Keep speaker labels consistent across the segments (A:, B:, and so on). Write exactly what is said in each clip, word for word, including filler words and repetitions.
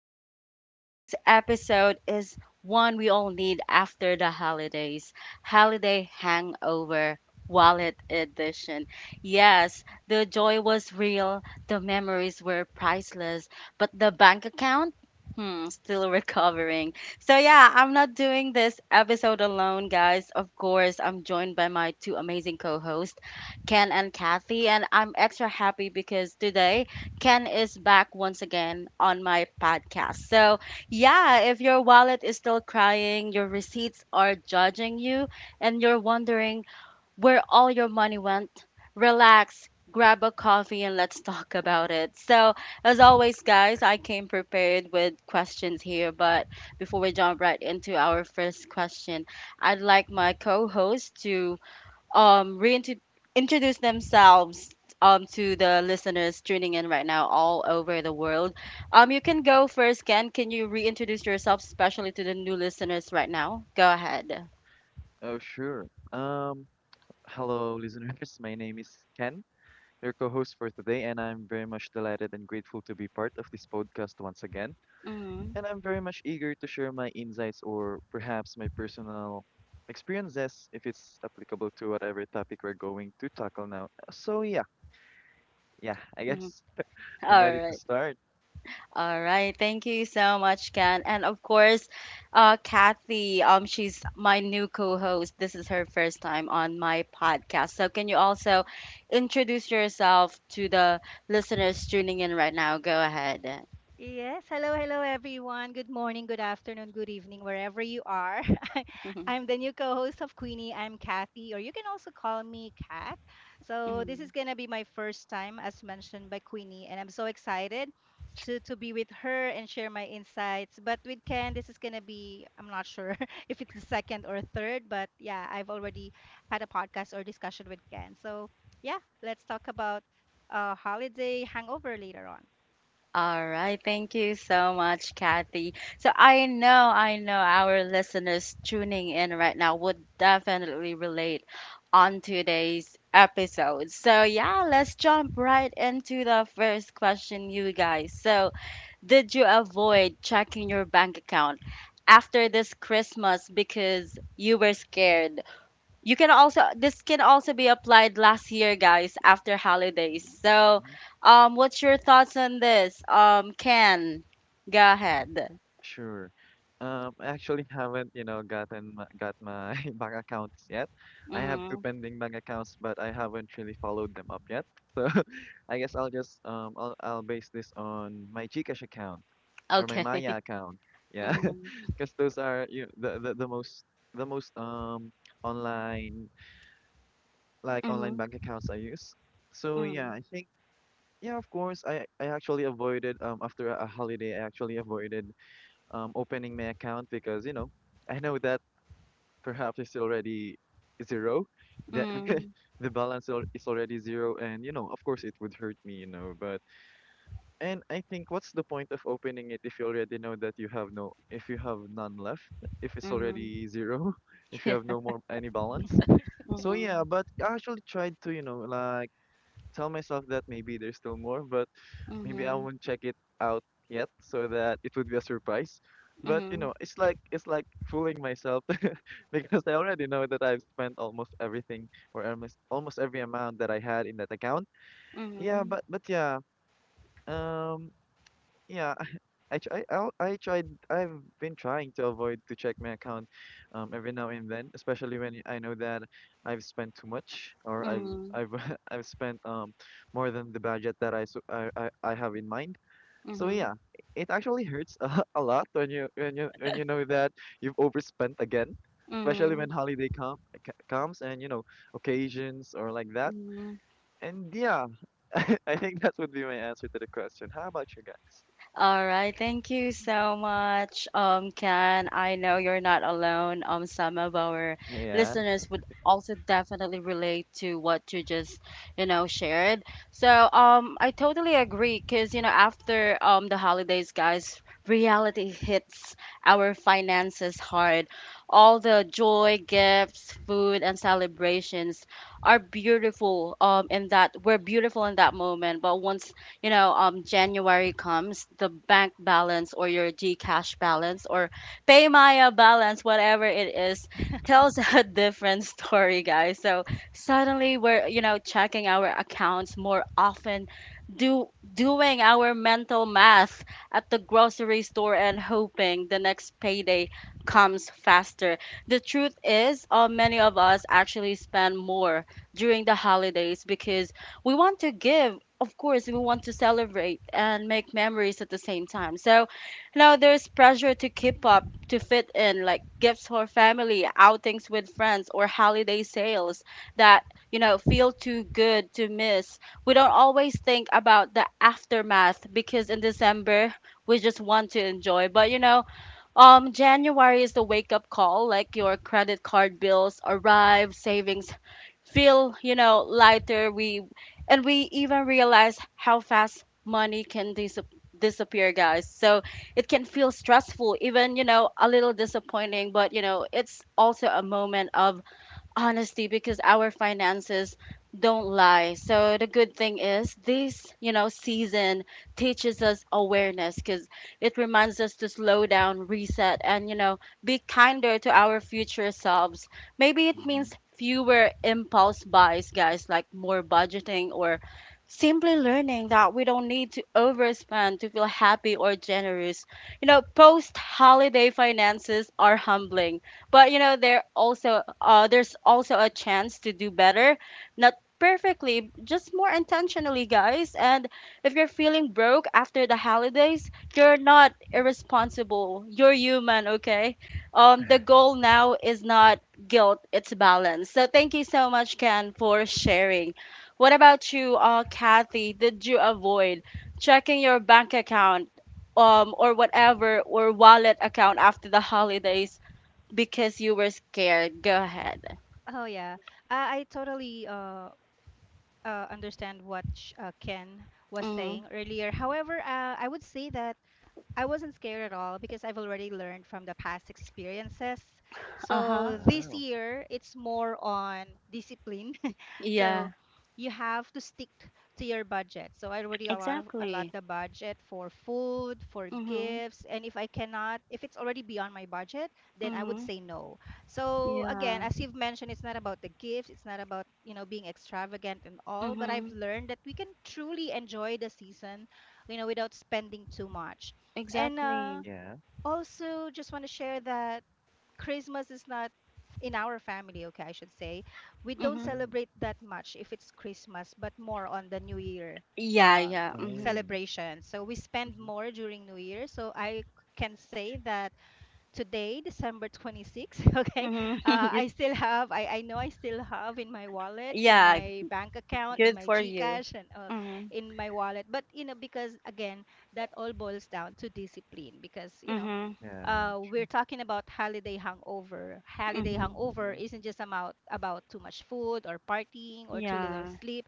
A: Queenie. Today's episode is one we all need after the holidays: holiday hangover, wallet edition. Yes, the joy was real, the memories were priceless, but the bank account? Hmm, still recovering. So, yeah, I'm not doing this episode alone, guys. Of course, I'm joined by my two amazing co hosts, Ken and Kathy, and I'm extra happy because today Ken is back once again on my podcast. So, yeah, if your wallet is still crying, your receipts are judging you, and you're wondering where all your money went, relax, grab a coffee, and let's talk about it. So, as always, guys, I came prepared with questions here, but before we jump right into our first question, I'd like my co host to um reintroduce themselves um to the listeners tuning in right now all over the world. Um, you can go first, Ken. Can you reintroduce yourself, especially to the new listeners right now? Go ahead.
B: Oh, sure. Um, Hello, listeners. My name is Ken, your co-host for today, and I'm very much delighted and grateful to be part of this podcast once again.
A: Mhm.
B: And I'm very much eager to share my insights or perhaps my personal experiences if it's applicable to whatever topic we're going to tackle now. So yeah, yeah, I
A: Mhm.
B: guess I'm
A: All
B: ready to
A: right.
B: start.
A: All right. Thank you so much, Ken. And of course, uh, Kathy, um, she's my new co-host. This is her first time on my podcast. So can you also introduce yourself to the listeners tuning in right now? Go ahead.
C: Yes, hello, hello everyone. Good morning, good afternoon, good evening, wherever you are. I'm the new co host of Queenie. I'm Kathy, or you can also call me Kat. So, this is
A: Mm.
C: going to be my first time, as mentioned by Queenie, and I'm so excited to, to be with her and share my insights. But with Ken, this is going to be, I'm not sure if it's the second or third, but yeah, I've already had a podcast or discussion with Ken. So, yeah, let's talk about uh, holiday hangover later on.
A: All right. Thank you so much, Kathy. So I know, I know our listeners tuning in right now would definitely relate on today's episode. So yeah, let's jump right into the first question, you guys. So did you avoid checking your bank account after this Christmas because you were scared? You can also this can also be applied last year, guys, after holidays. So,
B: Mhm.
A: um, what's your thoughts on this? Um, Ken, go ahead.
B: Sure. Um, I actually haven't, you know, gotten my, got my bank accounts yet. I have two
A: Mm.
B: pending bank accounts, but I haven't really followed them up yet. So I guess I'll just um I'll I'll base this on my GCash account or my
A: Okay.
B: Maya account. Yeah.
A: Mm,
B: Because those are you the, the the most the most um online like online
A: mm,
B: bank accounts I use. So yeah, I
A: mm,
B: think yeah, of course I I actually avoided um after a holiday I actually avoided um, opening my account because you know I know that perhaps it's already zero, that
A: mm,
B: the balance al- is already zero, and you know of course it would hurt me, you know. But and I think what's the point of opening it if you already know that you have no, if you have none left, if it's
A: mm.
B: already zero, if you have
A: Yeah.
B: no more any balance. So
A: Mm,
B: yeah, but I actually tried to you know like tell myself that maybe there's still more, but maybe I
A: mm,
B: won't check it out yet so that it would be a surprise. But you
A: mm,
B: know, it's like it's like fooling myself. Because I already know that I've spent almost everything or almost almost every amount that I had in that account.
A: mm,
B: Yeah,
A: mm,
B: but but yeah, um, yeah. I try, I, I tried, I've been trying to avoid to check my account um, every now and then, especially when I know that I've spent too much or I've
A: mm,
B: I've I've spent um more than the budget that I, so, I, I I have in mind. So
A: mm,
B: yeah, it actually hurts a, a lot when you when you when you know that you've overspent again, especially
A: mm,
B: when holiday come c- comes and you know occasions or like that.
A: mm.
B: And yeah, I think that would be my answer to the question. How about you guys?
A: All right, thank you so much, um, Ken. I know you're not alone. Um, some of our
B: Yeah.
A: listeners would also definitely relate to what you just, you know, shared. So, um, I totally agree because, you know, after um the holidays, guys, reality hits our finances hard. All the joy, gifts, food, and celebrations are beautiful. Um, in that we're beautiful in that moment, but once you know, um, January comes, the bank balance or your GCash balance or PayMaya balance, whatever it is, tells a different story, guys. So suddenly we're, you know, checking our accounts more often, do doing our mental math at the grocery store and hoping the next payday comes faster. The truth is, uh, many of us actually spend more during the holidays because we want to give, of course, we want to celebrate and make memories at the same time. So now there's pressure to keep up, to fit in, like gifts for family, outings with friends, or holiday sales that you know feel too good to miss. We don't always think about the aftermath because in December we just want to enjoy, but you know um, January is the wake up call, like your credit card bills arrive, savings feel, you know, lighter. We and we even realize how fast money can dis- disappear, guys. So it can feel stressful, even, you know, a little disappointing, but you know, it's also a moment of honestly because our finances don't lie. So the good thing is this you know season teaches us awareness because it reminds us to slow down, reset, and you know be kinder to our future selves. Maybe it
B: Mm-hmm.
A: means fewer impulse buys, guys, like more budgeting or simply learning that we don't need to overspend to feel happy or generous. You know post holiday finances are humbling, but you know there also uh, there's also a chance to do better, not perfectly, just more intentionally, guys. And if you're feeling broke after the holidays, you're not
B: Yeah.
A: irresponsible, you're human, okay? Um the goal now is not guilt, it's balance. So thank you so much, Ken, for sharing. What about you, uh Kathy? Did you avoid checking your bank account um or whatever or wallet account after the holidays because you were scared? Go ahead.
C: Oh yeah, uh, I totally uh, uh, understand what sh- uh, Ken was
A: Mm-hmm.
C: saying earlier. However, uh, I would say that I wasn't scared at all because I've already learned from the past experiences.
A: Uh-huh.
C: So this
B: Wow.
C: year, it's more on discipline so
A: Yeah.
C: you have to stick to your budget. So I already a lot of a lot
A: Exactly.
C: of budget for food, for
A: Mm-hmm.
C: gifts, and if I cannot, if it's already beyond my budget, then I would
A: Mm-hmm.
C: say no. So again,
A: Yeah.
C: as you've mentioned, it's not about the gifts, it's not about you know being extravagant and all, but I've
A: Mm-hmm.
C: learned that we can truly enjoy the season, you know, without spending too much. And uh,
A: Exactly.
B: Yeah.
C: also, just want to share that Christmas is not in our family, okay, I should say. We don't
A: Mm-hmm.
B: Oh.
C: celebrate that much if it's Christmas, but more on the New Year
A: Yeah,
C: uh,
A: yeah. Mm-hmm.
B: Oh.
C: celebration. So we spend
B: Mm-hmm.
C: more during New Year. So I c- can say that today, December twenty-sixth. Okay.
A: Mm-hmm.
C: Uh,
A: You,
C: I still have, I, I know I still have in my wallet, in
A: yeah,
C: my bank account, in
A: good
C: my
A: for you.
C: Gcash, and uh,
A: Mm-hmm.
C: in my wallet. But, you know, because again, that all boils down to discipline because, you know,
A: Mm-hmm.
B: Yeah.
C: uh, we're
B: Sure.
C: talking about holiday hangover. Holiday
A: Mm-hmm.
C: hangover
B: Mm-hmm.
C: isn't just about about too much food or partying or too little
A: Yeah.
C: sleep,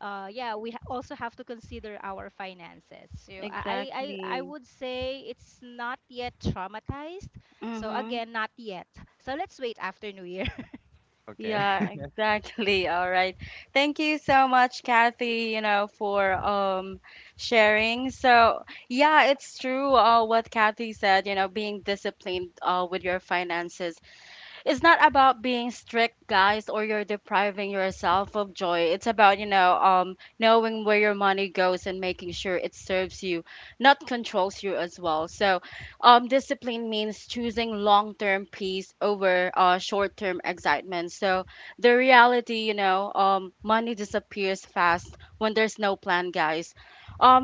C: uh, yeah, we ha- also have to consider our finances. So I, I, I I
A: Exactly.
C: would say it's not yet traumatized. So
A: Mm-hmm.
C: again, not yet. So let's wait after New Year.
B: Okay.
A: Yeah, exactly. All right. Thank you so much, Kathy, you know, for um sharing. So, yeah, it's true, uh what Kathy said, you know, being disciplined uh with your finances, it's not about being strict, guys, or you're depriving yourself of joy. It's about, you know, um, knowing where your money goes and making sure it serves you, not controls you as well. So, um, discipline means choosing long term peace over uh, short term excitement. So, the reality, you know, um, money disappears fast when there's no plan, guys.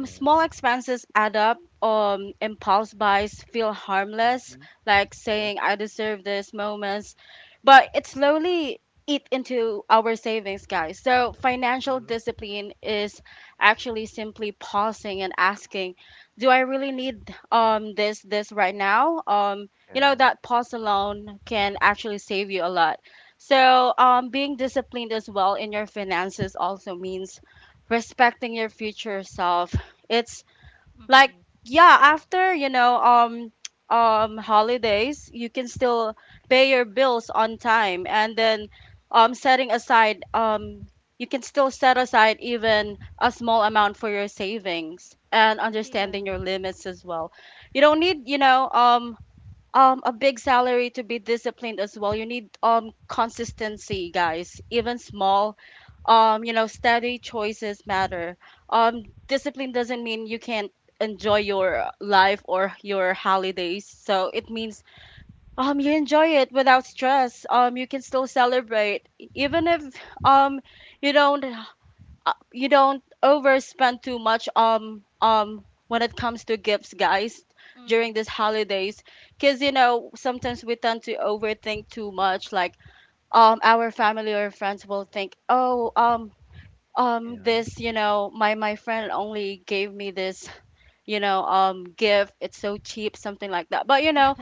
A: Small
B: Yeah.
A: expenses add up. Um, impulse buys feel harmless,
B: Mm-hmm.
A: like
B: Yeah.
A: saying, "I deserve this" moments. But it slowly eat into our savings, guys. So financial
B: Mm-hmm.
A: discipline is actually simply pausing and asking, do I really need um this this right now? Um, you know,
B: Yeah.
A: that pause alone can actually save you a lot. So, um, being disciplined as well in your finances also means respecting your future self. It's like,
C: hmm
A: yeah, after you know um um holidays you can still pay your bills on time, and then um setting aside um you can still set aside even a small amount for your savings, and
C: Yeah.
A: understanding your limits as well. You don't need, you know um um a big salary to be disciplined as well. You need um consistency, guys, even small, um you know steady choices matter. Um discipline doesn't mean you can't enjoy your life or your holidays, so it means um you enjoy it without stress. Um you can still celebrate even if um you don't uh, you don't overspend too much um um when it comes to gifts, guys, during these
C: hmm
A: holidays, because you know sometimes we tend to overthink too much, like um our family or friends will think, oh, um um
B: Yeah.
A: this, you know my my friend only gave me this, you know um gift, it's so cheap, something like that. But you know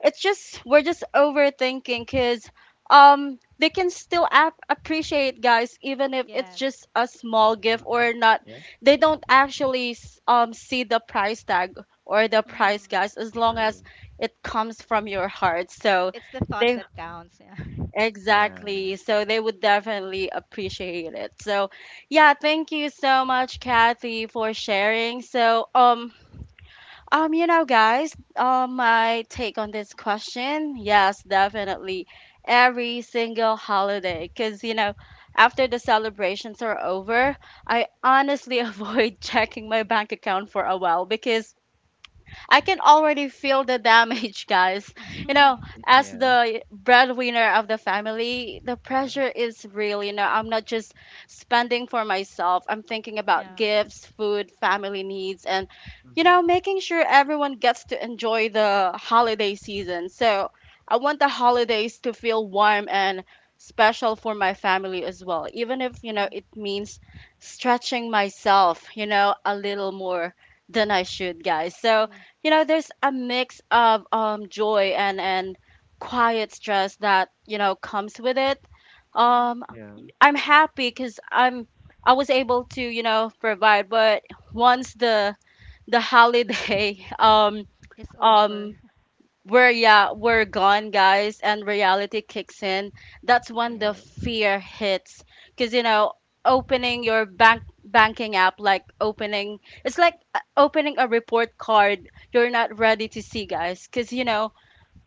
A: it's just we're just overthinking, 'cuz um they can still ap- appreciate, guys, even if it's
C: Yes.
A: just a small gift
B: Mm-hmm.
A: or not.
B: Yeah.
A: They don't actually s- um see the price tag or the price,
C: hmm
A: guys, as long
B: Sure.
A: as it comes from your heart, so
C: It's the thought
A: they—
C: that counts. Yeah.
B: Yeah.
A: Exactly. So they would definitely appreciate it. So yeah, thank you so much, Kathy, for sharing. So um um you know guys, uh, my take on this question, yes, definitely every single holiday, because you know after the celebrations are over, I honestly avoid checking my bank account for a while because I can already feel the damage, guys. You know, as
B: Yeah.
A: the breadwinner of the family, the
B: Uh
A: pressure is real. You know, I'm not just spending for myself, I'm thinking about
C: yeah.
A: gifts, food, family needs, and, you
B: Mm-hmm.
A: know, making sure everyone gets to enjoy the holiday season. So I want the holidays to feel warm and special for my family as well, even if, you know,
C: Yeah.
A: it means stretching myself, you know, a little more than I should, guys. So,
C: Yeah.
A: you know there's a mix of um joy and and quiet stress that you know comes with it.
C: Mm.
A: um
B: Yeah.
A: i'm happy because i'm i was able to you know provide, but once the the holiday um
C: It's over.
A: um we're yeah we're gone, guys, and reality kicks in. That's when the
B: Yeah.
A: fear hits, because you know opening your bank banking app, like opening it's like, uh, opening a report card you're not ready to see, guys, because you know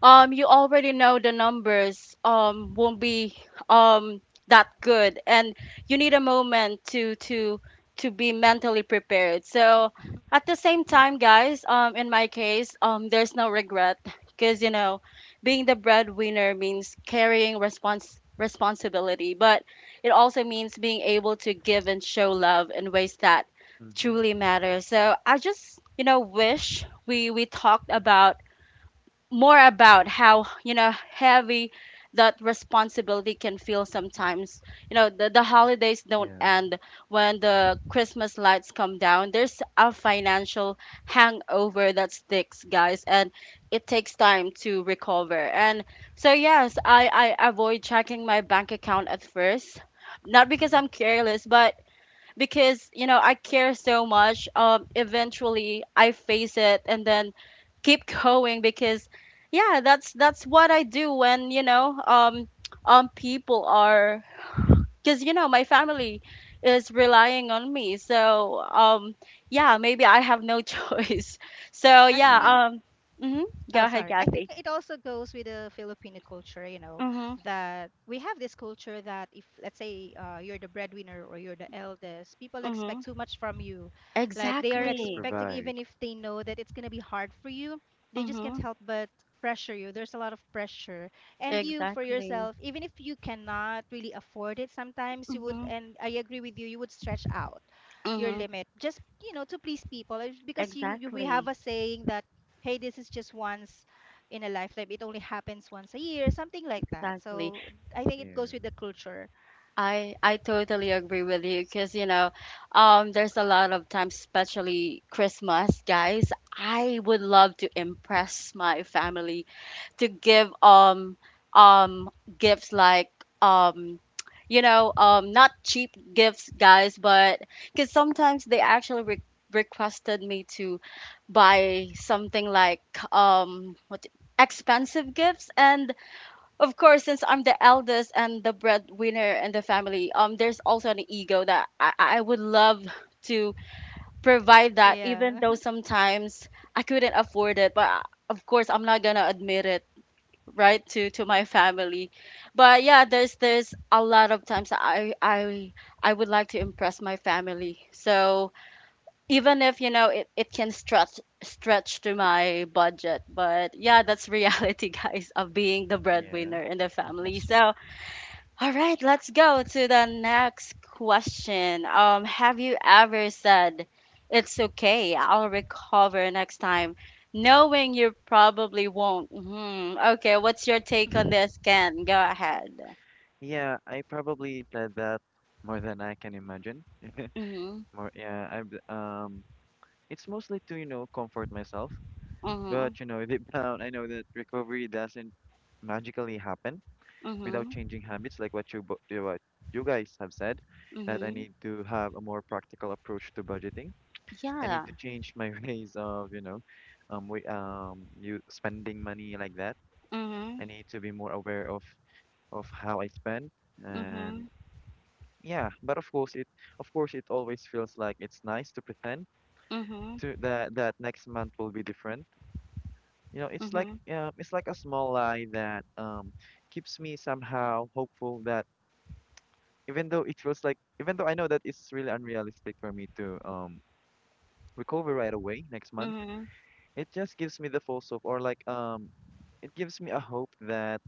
A: um you already know the numbers um won't be um that good, and you need a moment to to to be mentally prepared. So at the same
B: Yeah.
A: time, guys, um in my case, um there's no regret, because you know being the breadwinner means carrying respons responsibility, but it also means being able to give and show love in ways that
B: Mm-hmm.
A: truly matter. So I just you know wish we we talked about more about how you know heavy that responsibility can feel sometimes. you know the, the holidays don't
B: Yeah.
A: end when the Christmas lights come down. There's a financial hangover that sticks, guys, and it takes time to recover, and so yes, i i avoid checking my bank account at first, not because
B: Mm-hmm.
A: I'm careless, but because you know I care so much. Um, eventually I face it and then keep going, because yeah, that's that's what I do when you know um um people are, because you know my family is relying on me. So um yeah, maybe I have no choice. So yeah,
B: Yeah.
C: Actually,
A: um hmm go
C: Oh,
A: ahead,
C: sorry. I think
A: Kathy.
C: it also goes with the Filipino culture, you know,
A: Mhm.
C: that we have this culture that if, let's say, uh, you're the breadwinner or you're the eldest, people expect
A: Mhm.
C: too much from you. Like they are
B: Yeah. To
A: Exactly.
C: expecting,
B: provide.
C: even if they know that it's going to be hard for you, they just can't
A: Mhm.
C: help but pressure you. There's a lot of pressure. And you, for
A: Exactly.
C: yourself, even if you cannot really afford it sometimes, you would,
A: Mhm.
C: and I agree with you, you would stretch out your
A: Mhm.
C: limit just you know to please people. It's because you, you we have
A: Exactly.
C: a saying that hey, this is just once in a lifetime. It only happens once a year, something like that.
A: Exactly.
C: So I think it goes with
B: Yeah.
C: the culture.
A: I I totally agree with you because you know, um, there's a lot of times, especially Christmas, guys. I would love to impress my family to give um um gifts like um you know um not cheap gifts, guys, but because sometimes they actually re requested me to buy something like um what expensive gifts. And of course, since I'm the eldest and the breadwinner in the family, um there's also an ego that i, I would love to provide that, even
C: Yeah,
A: though sometimes I couldn't afford it, but I- of course I'm not gonna admit it, right, to to my family. But yeah, there's there's a lot of times that i i i would like to impress my family, so even if, you know it, it can stretch stretch to my budget. But yeah, that's reality, guys, of being the
B: Yeah.
A: breadwinner in the
B: Mm-hmm.
A: family,
C: that's true.
A: so all right, let's go to the next question. Um, have you ever said, "It's okay, I'll recover next time," knowing you probably won't? hmm Okay, what's your take on this, Ken? Go ahead.
B: Yeah. I probably said that more than I can imagine.
A: Mm-hmm.
B: More. Yeah. I've um. It's mostly to you know comfort myself,
A: Mm-hmm.
B: but you know deep down I know that recovery doesn't magically happen without
A: Mm-hmm.
B: changing habits, like what you bo- you- what you guys have said, that I
A: Mm-hmm.
B: need to have a more practical approach to budgeting. I need
A: Yeah.
B: to change my ways of, you know, um, we, um, you spending money like that.
A: Mm-hmm.
B: I need to be more aware of of how I spend, and
A: Mm-hmm.
B: yeah. But of course, it of course it always feels like it's nice to pretend
A: Mm-hmm.
B: to that that next month will be different. You know, it's like
A: Mm-hmm.
B: um, it's like a small lie that um keeps me somehow hopeful that even though it feels like even though I know that it's really unrealistic for me to um recover right away next month.
A: Mm-hmm.
B: It just gives me the false hope, or like um, it gives me a hope that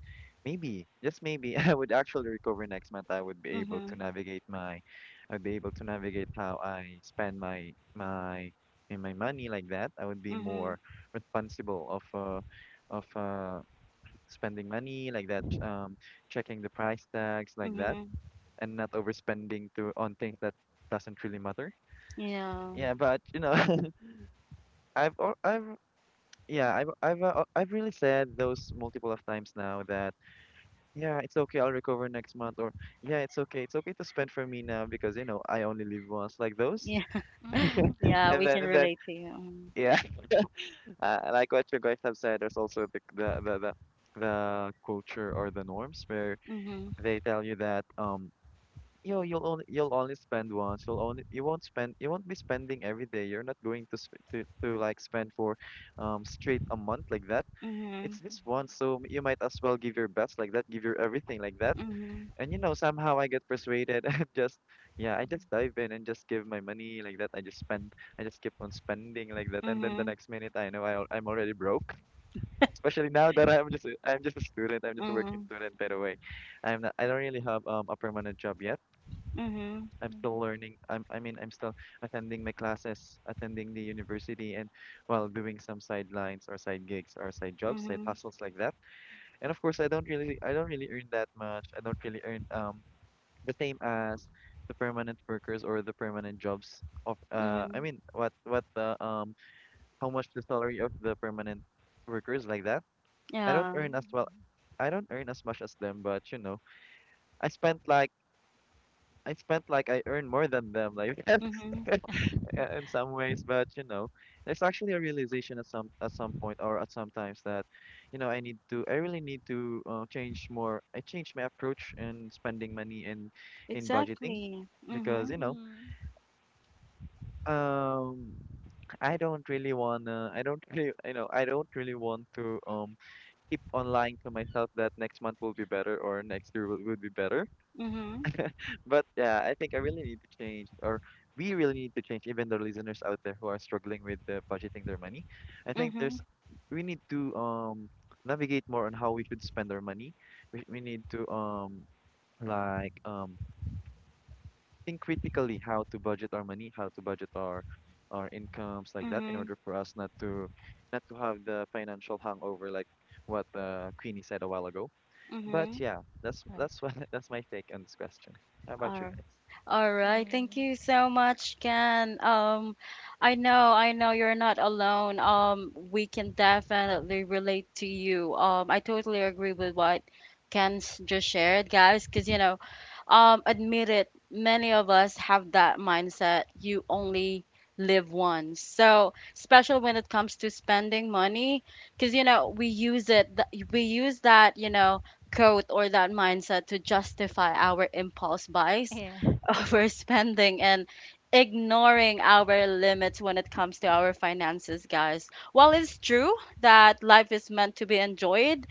B: maybe, just maybe, I would actually recover next month. I would be able
A: Mm-hmm.
B: to navigate my, I'd be able to navigate how I spend my my my my money like that. I would be
A: Mm-hmm.
B: more responsible of uh of uh spending money like that, um, checking the price tags like that,
A: Mm-hmm.
B: and not overspending to on things that doesn't really matter.
A: Yeah.
B: Yeah, but you know, I've al- I've yeah, I've I've uh, uh, I've really said those multiple of times now that yeah, it's okay, I'll recover next month or yeah, it's okay, it's okay to spend for me now because you know I only live once like those.
A: Yeah.
C: Mhm.
A: Yeah.
B: And
A: We
B: then
A: can
B: and then
A: relate to you.
B: yeah, uh, like what you guys have said, there's also the the the the, the culture or the norms where
A: Mm-hmm.
B: they tell you that um yo you'll only you'll only spend once, you'll only you won't spend you won't be spending every day. You're not going to sp to to like spend for um straight a month like that.
A: Mm-hmm.
B: It's
A: Mm-hmm.
B: this one, so you might as well give your best like that, give your everything like that.
A: Mm-hmm.
B: And you know, somehow I get persuaded and just, yeah, I just dive in and just give my money like that. I just spend, I just keep on spending like that. And then the
A: Mhm,
B: next minute, I know I, al- I'm already broke. Especially now that I'm just, a- I'm just a student. I'm just a working
A: mhm,
B: student, by the way. I'm not, I don't really have um a permanent job yet.
A: mhm,
B: I'm still learning. I'm, I mean, I'm still attending my classes, attending the university, and while doing some sidelines or side gigs or side jobs, side
A: mhm,
B: hustles like that. And of course, I don't really I don't really earn that much. I don't really earn um the same as the permanent workers or the permanent jobs of uh I
A: mhm.
B: mean what what the um how much the salary of the permanent workers like that. I don't
A: Yeah.
B: earn as well. I don't earn as much as them, but you know, I spent like I spent like I earn more than them like that.
A: Mhm.
B: Uh, in some ways, but you know, it's actually a realization at some at some point or at some times that, you know, I need to I really need to uh, change more. I change my approach in spending money and in budgeting
A: Exactly.
B: because
A: Mhm,
B: you know,
C: Mm.
B: um, I don't really wanna. I don't really you know I don't really want to um keep on lying to myself that next month will be better or next year will, will be better.
A: mhm,
B: But yeah, I think I really need to change, or we really need to change, even the listeners out there who are struggling with uh, budgeting their money. I think
A: mhm,
B: there's we need to um navigate more on how we should spend our money. We, we need to um like um think critically how to budget our money, how to budget our our incomes like that in
A: mhm,
B: order for us not to not to have the financial hangover like what uh, Queenie said a while ago. But
A: mhm.
B: yeah, that's
C: Right.
B: that's what that's my take on this question. How about you
A: All
B: guys?
A: All right. Thank
C: Mm.
A: you so much, Ken. Um, I know, I know you're not alone. Um, we can definitely relate to you. Um, I totally agree with what Ken's just shared, guys, because you know, um, admit it, many of us have that mindset. You only live once. So, especially when it comes to spending money, because you know, we use it, th- we use that, you know, code or that mindset to justify our impulse buys,
C: Yeah,
A: overspending and ignoring our limits when it comes to our finances, guys. While it's true that life is meant to be enjoyed,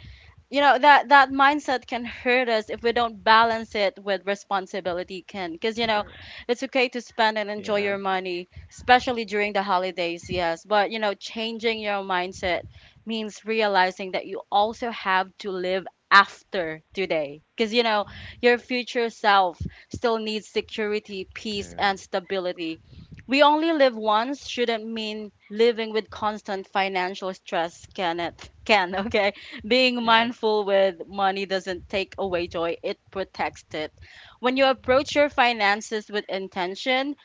A: you know that that mindset can hurt us if we don't balance it with responsibility, can because you know
C: true.
A: it's okay to spend and enjoy
B: Yeah.
A: your money, especially during the holidays, yes, but you know changing your mindset means realizing that you also have to live after today, because you know
C: Mm.
A: your future self still needs security, peace,
B: True.
A: and stability. "We only live once" shouldn't mean living with constant financial stress, can it? Can Okay, being
B: Yeah.
A: mindful with money doesn't take away joy, it protects it. When you
C: Mm.
A: approach your finances with intention,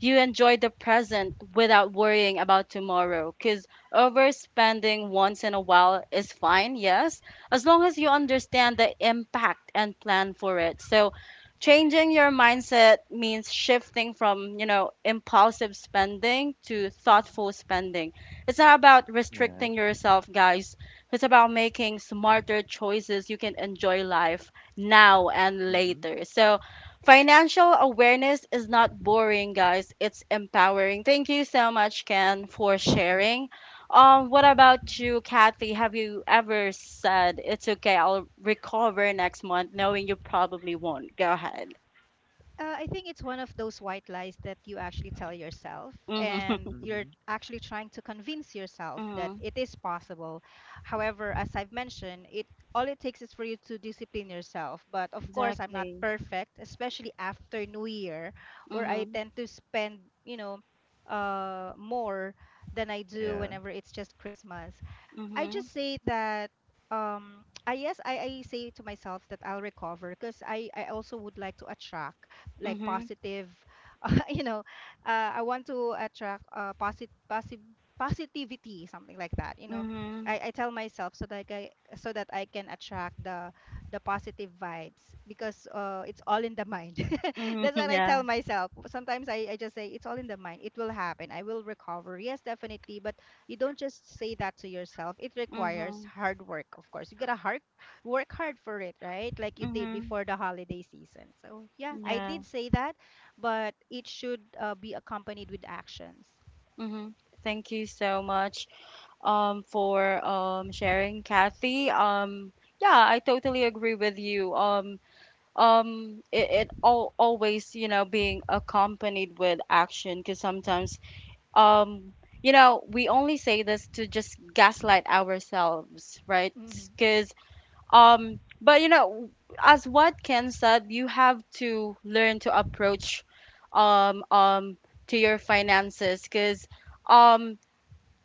A: you enjoy the present without worrying about tomorrow. Because overspending once in a while is fine, yes, as long as you understand the impact and plan for it. So, changing your mindset means shifting from, you know, impulsive spending to
C: Mm.
A: thoughtful spending. It's not about
B: Yeah.
A: restricting yourself, guys. It's about making smarter choices. You can enjoy life now and
B: Mhm.
A: later. So, financial awareness is not boring, guys. It's empowering. Thank you so much, Ken, for sharing. Um, what about
B: Mhm.
A: you, Kathy? Have you ever said, "It's okay, I'll recover next month," knowing you probably won't? Go ahead.
C: Uh, I think it's one of those white lies that you actually tell yourself,
A: Mhm.
C: and you're
B: Mhm.
C: actually trying to convince yourself that
A: Mhm.
C: it is possible. However, as I've mentioned, it all it takes is for you to discipline yourself. But of course, I'm not
A: Exactly.
C: perfect, especially after New Year, where I
A: Mhm.
C: tend to spend, you know, uh, more than I do
B: Yeah.
C: whenever it's just Christmas. I
A: Mhm.
C: just say that um I yes I, I say to myself that I'll recover because I, I also would like to attract like
A: Mhm.
C: positive you know uh, I want to attract uh posit- posi- positivity something like that you know
A: Mhm.
C: I, I tell myself so that I so that I can attract the the positive vibes because uh it's all in the mind.
A: Mhm.
C: That's what I
A: Yeah.
C: tell myself sometimes. I, I just say it's all in the mind, it will happen, I will recover, yes, definitely, but you don't just say that to yourself, it requires
A: Mhm.
C: hard work. Of course you gotta hard work hard for it, right? Like you did
A: Mhm.
C: before the holiday season. So yeah, I
A: Yeah.
C: did say that, but it should uh, be accompanied with actions.
A: Mhm. Thank you so much. um, for um, sharing, Kathy. Um, yeah, I totally agree with you. Um, um, it, it all, always, you know, being accompanied with action, because sometimes, um, you know, we only say this to just gaslight ourselves, right?
C: Mm-hmm.
A: Because, um, but you know, as what Ken said, you have to learn to approach, um, um, to your finances, because, um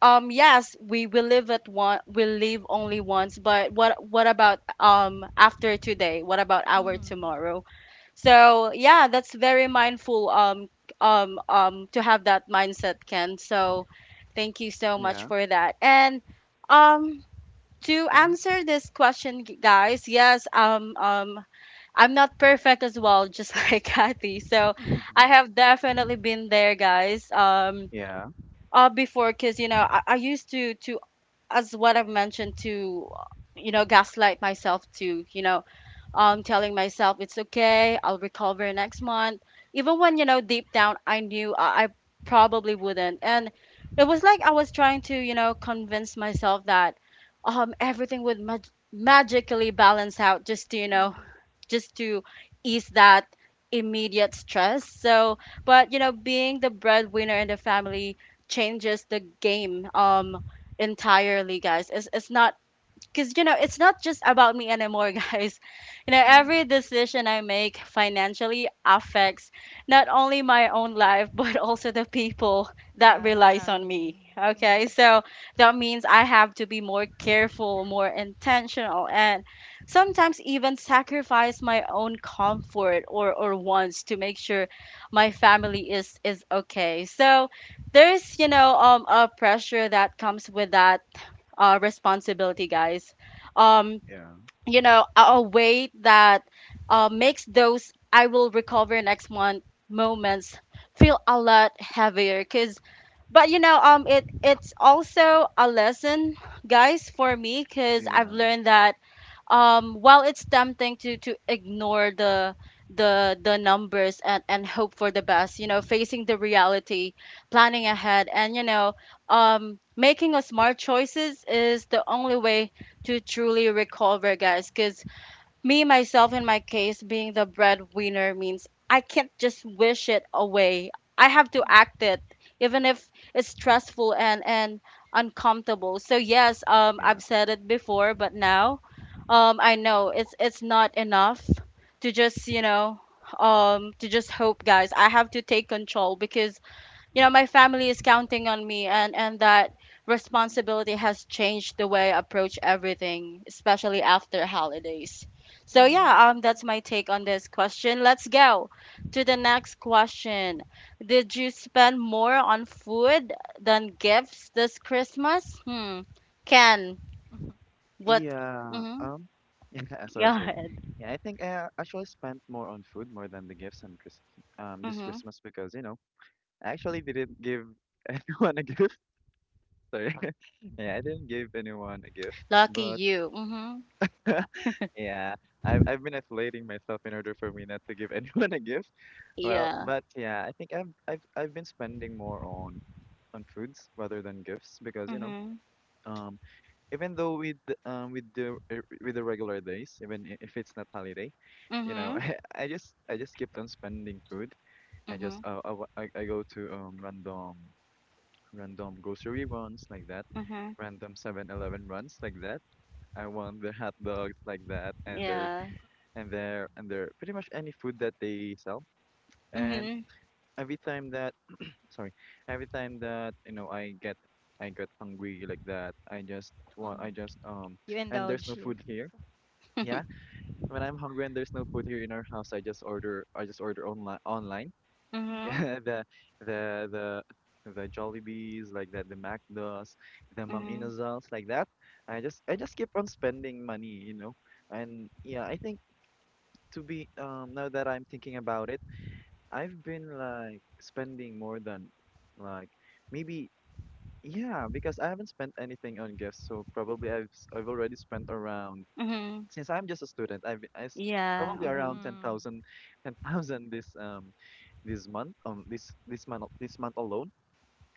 A: um, yes, we will live at one. We live only once. But what what about um after today? What about our
C: Mm-hmm.
A: tomorrow? So yeah, that's very mindful. Um, um, um, to have that mindset, Ken. So, thank you so much
B: Yeah.
A: for that. And um, to
B: Mhm.
A: answer this question, g- guys, yes, um, um, I'm not perfect as well, just like Kathy. So,
C: Mm-hmm.
A: I
B: Mhm.
A: have definitely been there, guys. Um,
B: Yeah.
A: uh before, because you know I, I used to to as what I've mentioned, to you know gaslight myself, to you know um telling myself it's okay, I'll recover next month, even when you know deep down I knew I, I probably wouldn't, and it was like I was trying to you know convince myself that um everything would mag- magically balance out, just to you know just to ease that immediate stress. So, but you know, being the breadwinner in the family changes the game um entirely, guys. It's it's not, because you know it's not just about me anymore, guys. You know
C: Mm-hmm.
A: every decision I make financially affects not only my own life but also the people that
C: Yeah
A: relies
C: around
A: on
C: you.
A: me, okay?
C: Mhm,
A: So that means I have to be more careful, more intentional, and sometimes even sacrifice my own comfort or or wants to make sure my
C: mhm,
A: family is is okay. So there's you know um a pressure that comes with that uh, responsibility, guys. Um,
B: Yeah.
A: you know, a a way that uh, makes those "I will recover next month" moments feel a lot heavier. Cause, but you know, um, it it's also a lesson, guys, for me, cause I've
B: Yeah.
A: learned that um while it's tempting to to ignore the the the numbers and and hope for the best. You know facing the reality, planning ahead, and you know um making a smart choices is the only way to truly recover, guys, because me, myself, in my case, being the breadwinner means I can't just wish it away. I have to
C: mhm,
A: act it, even if it's stressful and and uncomfortable. So yes, um, I've
B: Yeah.
A: said it before, but now, um, I know it's it's not enough to just you know, um, to just hope, guys. I have to take control, because you
C: mhm.
A: know my family is counting on me, and and that
B: Mhm.
A: responsibility has changed the way I approach everything, especially after holidays. So
C: Yeah.
A: yeah, um that's my take on this question. Let's go to the next question. Did you spend more on food than gifts this Christmas? Hmm ken,
C: Mhm,
A: what?
B: Yeah.
A: Mm-hmm.
B: Um. Yeah.
A: Go
B: Sorry. Sorry.
A: ahead.
B: Yeah. I think I uh, actually spent more on food more than the gifts on Chris um this
A: Hmm.
B: Christmas because you know I actually didn't give anyone a gift. Sorry. Yeah. I didn't give anyone a gift,
A: Lucky
B: but
A: you. Mm-hmm.
B: yeah. I've I've been isolating myself in order for me not to give anyone a gift. Well,
A: Yeah.
B: but yeah, I think I've I've I've been spending more on on foods rather than gifts because you know,
A: Hmm.
B: um, even though with the- um with the uh, with the regular days, even i- if it's not holiday, you know,
A: Hmm.
B: I, I just I just kept on spending food. I just
A: Hmm.
B: uh, I, wa- I I go to um random random grocery runs like that,
A: Hmm.
B: random Seven Eleven runs like that. I want their hot dogs like that, and their
A: Yeah.
B: and their and their pretty much any food that they sell. And
C: mhm,
A: Hmm.
B: every time that sorry every time that you know i get I get hungry like that i just want
C: mhm.
B: I just um
C: You
B: and there's
C: indulge
B: no
C: here.
B: food here. Yeah, when I'm hungry and there's no food here in our house i just order I just order online online.
C: Mm-hmm.
A: Mhm,
B: Yeah, the the the the Jollibees like that, the Macdos, the Mang
A: mhm,
B: Inasals like that. I just I just keep on spending money, you know. And yeah, I think to be um now that I'm thinking about it, I've been like spending more than like maybe. Yeah, because I haven't spent anything on gifts, so probably I've s- I've already spent around
A: mhm.
B: since I'm just a student, I've I s-
A: Yeah,
B: probably
A: mhm,
B: around ten
C: Mm.
B: thousand, ten thousand this um this month um this this month al- this month alone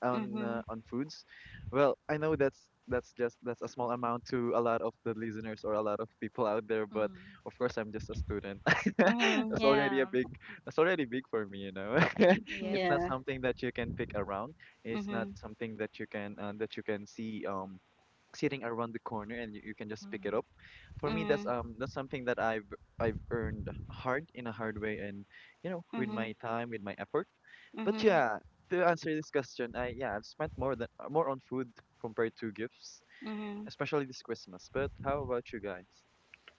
B: on uh,
A: mhm,
B: on foods. Well, I know that's that's just that's a small amount to a lot of the listeners or a lot of people out there, but
C: Mm.
B: of course I'm just a student.
A: mhm.
B: That's already a
C: Yeah.
B: big that's already big for me, you know. it's
C: Yes.
B: not
A: Yeah,
B: something that you can pick around. It's not
A: mhm,
B: something that you can uh, that you can see um sitting around the corner and you, you can just pick it up. For me, that's
A: mhm,
B: um that's something that I've I've earned hard in a hard way and you know with
A: mhm,
B: my time with my effort but
A: mhm,
B: yeah, to answer this question, I yeah, I've spent more than uh, more on food compared to gifts,
A: mhm.
B: especially this Christmas. But how about you guys?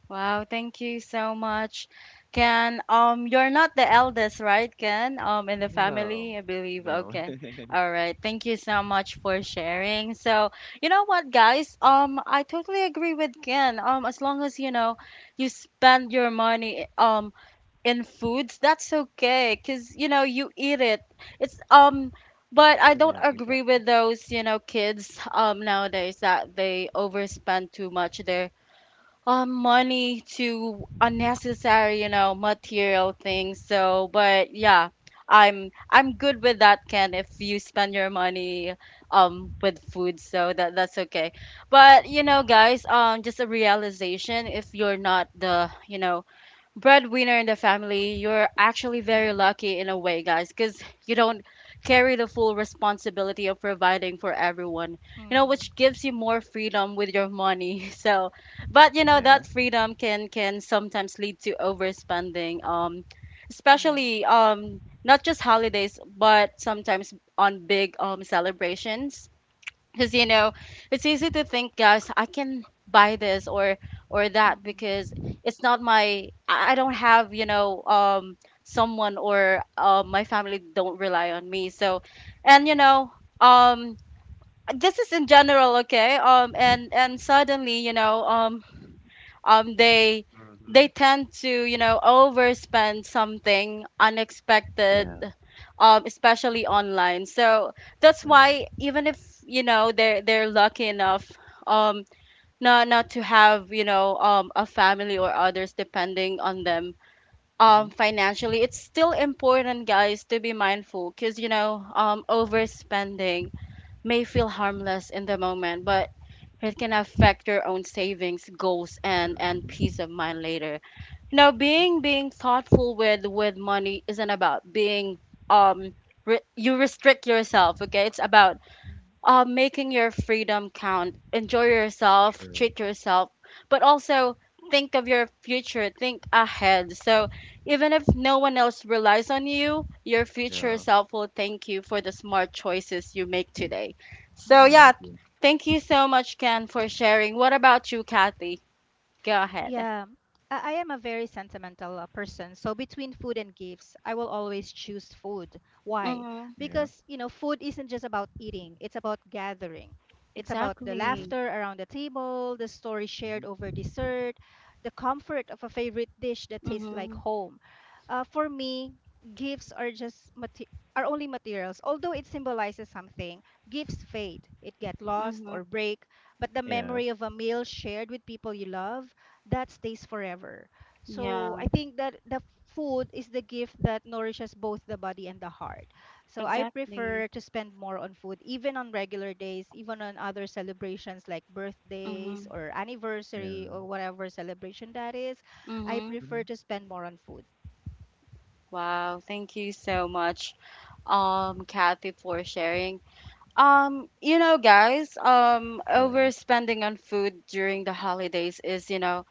A: Wow, thank you so much, Ken. Um, you're not the eldest, right, Ken? Um, in the
B: No,
A: family, I believe.
B: no.
A: Okay, all right. Thank you so much for sharing. So, you know what, guys? Um, I totally agree with Ken. Um, as long as you know you spend your money, um, in foods, that's okay, because you know you eat it. It's um But I don't
B: Yeah,
A: agree
B: exactly.
A: with those you know kids um nowadays that they overspend too much their um money to unnecessary you know material things, so but yeah, i'm i'm good with that, Ken, if you spend your money um with food, so that that's okay. But you know guys, um just a realization: if you're not the you know breadwinner in the family, you're actually
B: Yeah,
A: very lucky in a way, guys, because you don't carry the full responsibility of providing for everyone, you know,
C: Mm-hmm.
A: which gives you more freedom with your money. So, but you know,
B: yeah.
A: that freedom can can sometimes lead to overspending, um,
C: Yeah.
A: especially um, not just holidays, but sometimes on big um, celebrations, because you know it's easy to think, guys, I can buy this or or that, because
C: Mhm.
A: it's not my I I don't have you know um someone, or uh, my family don't rely on me, so. And you know um this is in general, okay, um and and suddenly you know um um they they
B: Mm-hmm.
A: tend to you know overspend something
B: Yeah,
A: unexpected, um especially online. So that's
B: yeah.
A: why, even if you know they're they're lucky enough, um not not to have you know um a family or others depending on them um
B: Mm-hmm.
A: financially, it's still important, guys, to be mindful, because you know um overspending may feel harmless in the moment, but it can affect your own savings goals and and
B: True.
A: peace of mind later. You know,
B: Mm-hmm.
A: being being thoughtful with with money isn't about being um re- you restrict yourself. Okay, it's about
C: Mhm.
A: uh, making your freedom count. Enjoy yourself,
B: True.
A: treat yourself, but also think of your future, think ahead. So even if no one else relies on you, your future
B: Yeah.
A: self will thank you for the smart choices you make today. So
B: Yeah, I
C: Mhm.
A: yeah,
B: agree.
A: thank you so much, Ken, for sharing. What about you, Kathy? Go ahead.
C: Yeah, I I am a very sentimental uh, person. So between food and gifts, I will always choose food. Why?
A: Mm-hmm.
B: Yeah.
C: Because, you know, food isn't just about eating, it's about gathering. It's about the
B: Mm-hmm.
A: Exactly.
C: laughter around the table, the story shared
B: Mm-hmm.
C: over dessert, the comfort of a favorite dish that tastes like
A: Mm-hmm.
C: home. Uh, for me, gifts are just mate- are only materials. Although it symbolizes something, gifts fade. It get lost
A: Mm-hmm.
C: or break, but the
B: Yeah.
C: memory of a meal shared with people you love, that stays forever. So
A: Yeah,
C: I think that the food is the gift that nourishes both the body and the heart. So I
A: exactly.
C: prefer to spend more on food, even on regular days, even on other celebrations like birthdays
A: Mm-hmm.
C: or anniversary
B: Yeah.
C: or whatever celebration that is. I
A: Mm-hmm.
B: Mm-hmm.
C: prefer to spend more on food.
A: Wow, thank you so much, um, Kathy, for sharing. Um, you know, guys, um,
B: Yeah.
A: overspending on food during the holidays is, you know,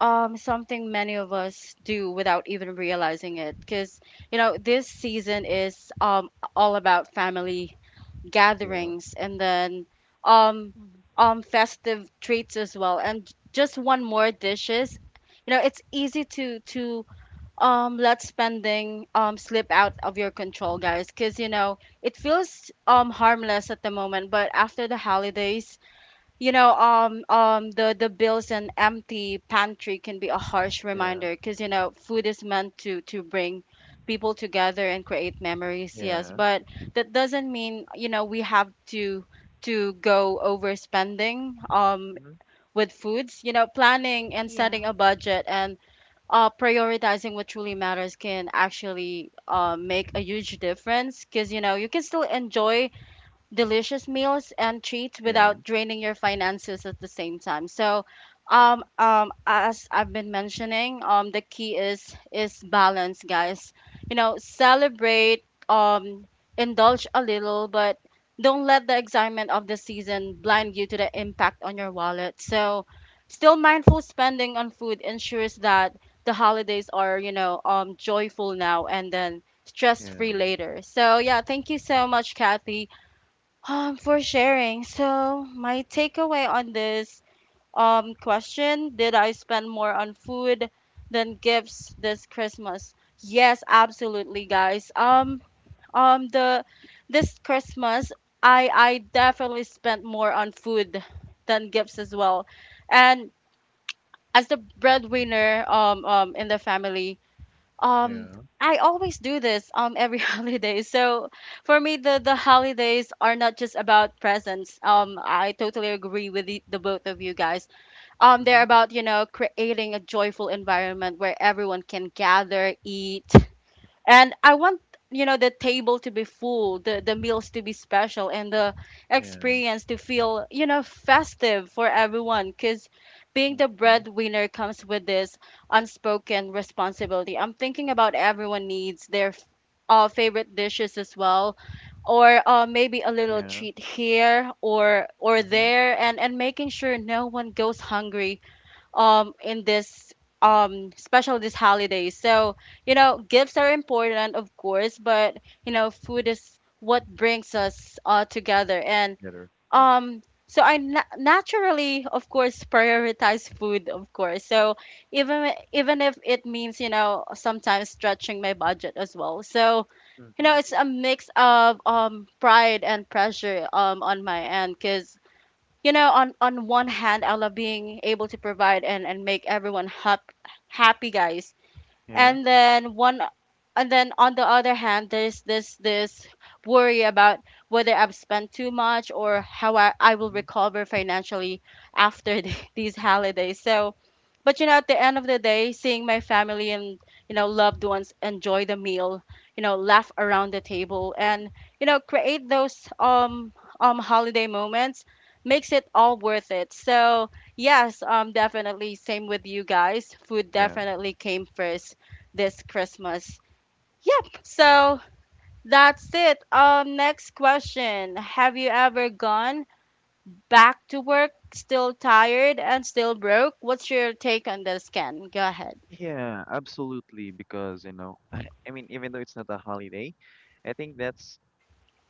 A: um, something many of us do without even realizing it. Because, you know, this season is um all about family
B: Yeah.
A: gatherings, and then um
C: Mm.
A: um festive treats as well, and j- just one more dishes. You know, it's easy to to um let spending um slip out of your control, guys, because, you know, it feels um harmless at the moment, but after the holidays, you know um um the the bills and empty pantry can be a harsh
B: Yeah.
A: reminder. Because, you know, food is meant to to bring people together and create memories, yes,
B: Yeah.
A: but that doesn't mean, you know, we have to to go overspending um
B: Mm-hmm.
A: with foods. You know, planning and setting
C: Yeah.
A: a budget and uh, prioritizing what truly matters can actually uh, make a huge difference, because, you know, you can still enjoy delicious meals and treats
B: Yeah.
A: without draining your finances at the same time. So, um, um, as I've been mentioning, um, the key is is balance, guys. You know, celebrate, um, indulge a little, but don't let the excitement of the season blind you to the impact on your wallet. So, still mindful spending on food ensures that the holidays are, you know, um, joyful now and then stress free
B: Yeah.
A: later. So, yeah, thank you so much, Kathy, um, for sharing. So, my takeaway on this um, question: Did I spend more on food than gifts this Christmas? Yes, absolutely, guys. Um, um, the This Christmas, I I definitely spent more on food than gifts as well. And as the breadwinner, um, um, in the family, um
B: Yeah.
A: I always do this um every holiday. So for me, the the holidays are not just about presents. Um I totally agree with the, the both of you guys. Um
B: Mm-hmm.
A: they're about, you know, creating a joyful environment where everyone can gather, eat, and I want, you know, the table to be full, the the meals to be special, and the
B: Yeah.
A: experience to feel, you know, festive for everyone, cuz being
B: Of
A: the
B: course.
A: breadwinner comes with this unspoken responsibility. I'm thinking about everyone needs their f- uh, favorite dishes as well, or uh, maybe a little
B: Yeah.
A: treat here or or
B: Mm-hmm.
A: there, and and making sure no one goes hungry um in this um special this holiday. So, you know, gifts are important, of course, but, you know, food is what brings us uh together. And
B: Together. Yeah.
A: um so i na- naturally, of course, prioritize food, of course. So even even if it means, you know, sometimes stretching my budget as well. So, you
B: Mm-hmm.
A: know, it's a mix of um pride and pressure um on my end, because, you know, on on one hand, I love being able to provide and and make everyone hap- happy, guys.
B: Yeah.
A: And then one and then on the other hand, there's this this worry about whether I've spent too much, or how i, I will
B: Hmm.
A: recover financially after the, these holidays. So, but, you know, at the end of the day, seeing my family and, you know, loved ones enjoy the meal, you know, laugh around the table, and, you know, create those um um holiday moments, makes it all worth it. So yes, um definitely same with you guys, food
B: Yeah.
A: definitely came first this Christmas. Yep. So that's it. Um, next question. Have you ever gone back to work still tired and still broke? What's your take on this, Ken? Go ahead.
B: Yeah, absolutely. Because, you know, I mean, even though it's not a holiday, I think that's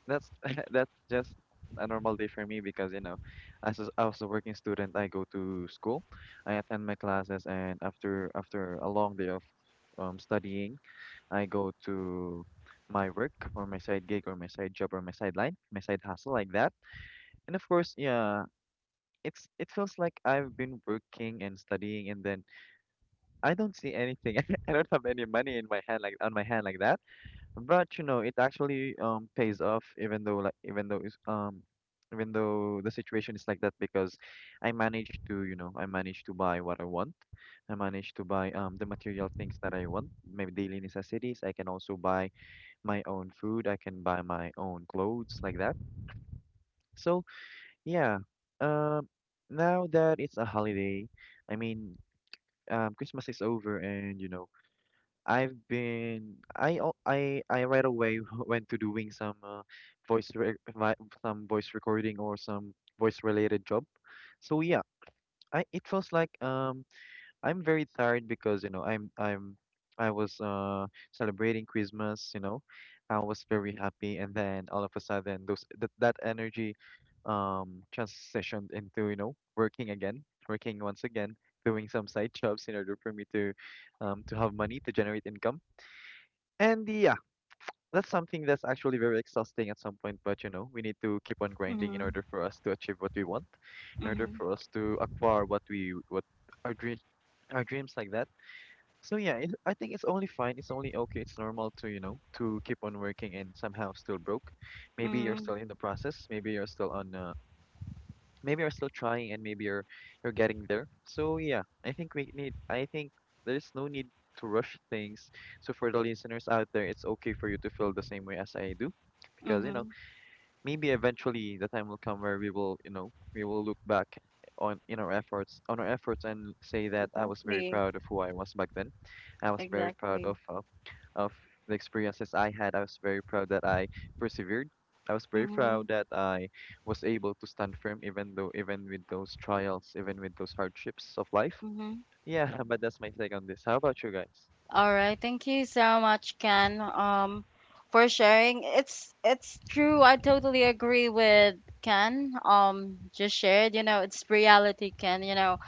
B: that's that's just a normal day for me because, you know, as a, as a working student, I go to school, I attend my classes, and after after a long day of um, studying, I go to my work or my side gig or my side job or my sideline, my side hustle like that. And of course, yeah, it's it feels like I've been working and studying and then I don't see anything. I don't have any money in my hand like on my hand like that. But you know, it actually um pays off even though like even though it's, um even though the situation is like that because I managed to, you know, I managed to buy what I want. I managed to buy um the material things that I want, my daily necessities. I can also buy my own food. I can buy my own clothes like that. So yeah, um now that it's a holiday, I mean um Christmas is over and you know I've been I al- I I right away went to doing some uh, voice re my, some voice recording or some voice related job. So yeah, I it feels like um I'm very tired because you know I'm I'm I was uh celebrating Christmas, you know. I was very happy and then all of a sudden those that that energy um transitioned into, you know, working again, working once again, doing some side jobs in order for me to um to have money to generate income and yeah, that's something that's actually very exhausting at some point, but you know, we need to keep on grinding in
A: Mhm.
B: order for us to achieve what we want, in order
A: Mhm.
B: for us to acquire what we what our dream our dreams like that. So yeah, it, I think it's only fine. It's only okay. It's normal to, you know, to keep on working and somehow still broke. Maybe you're
A: Mhm.
B: still in the process. Maybe you're still on uh, maybe you're still trying and maybe you're you're getting there. So yeah, I think we need I think there's no need to rush things. So for the listeners out there, it's okay for you to feel the same way as I do because you know,
A: Mhm.
B: maybe eventually the time will come where we will, you know, we will look back on in our efforts on our efforts and say that I was very
A: Exactly.
B: proud of who I was back then. I was very proud
A: Exactly.
B: of uh, of the experiences I had, I was very proud that I persevered. I was very
A: Mhm.
B: proud that I was able to stand firm even though even with those trials, even with those hardships of life.
A: Mhm.
B: Yeah, but that's my take on this. How about you guys?
A: All right, thank you so much, Ken, um, for sharing. It's it's true. I totally agree with Ken. Um, just shared. You know, it's reality, Ken. You know,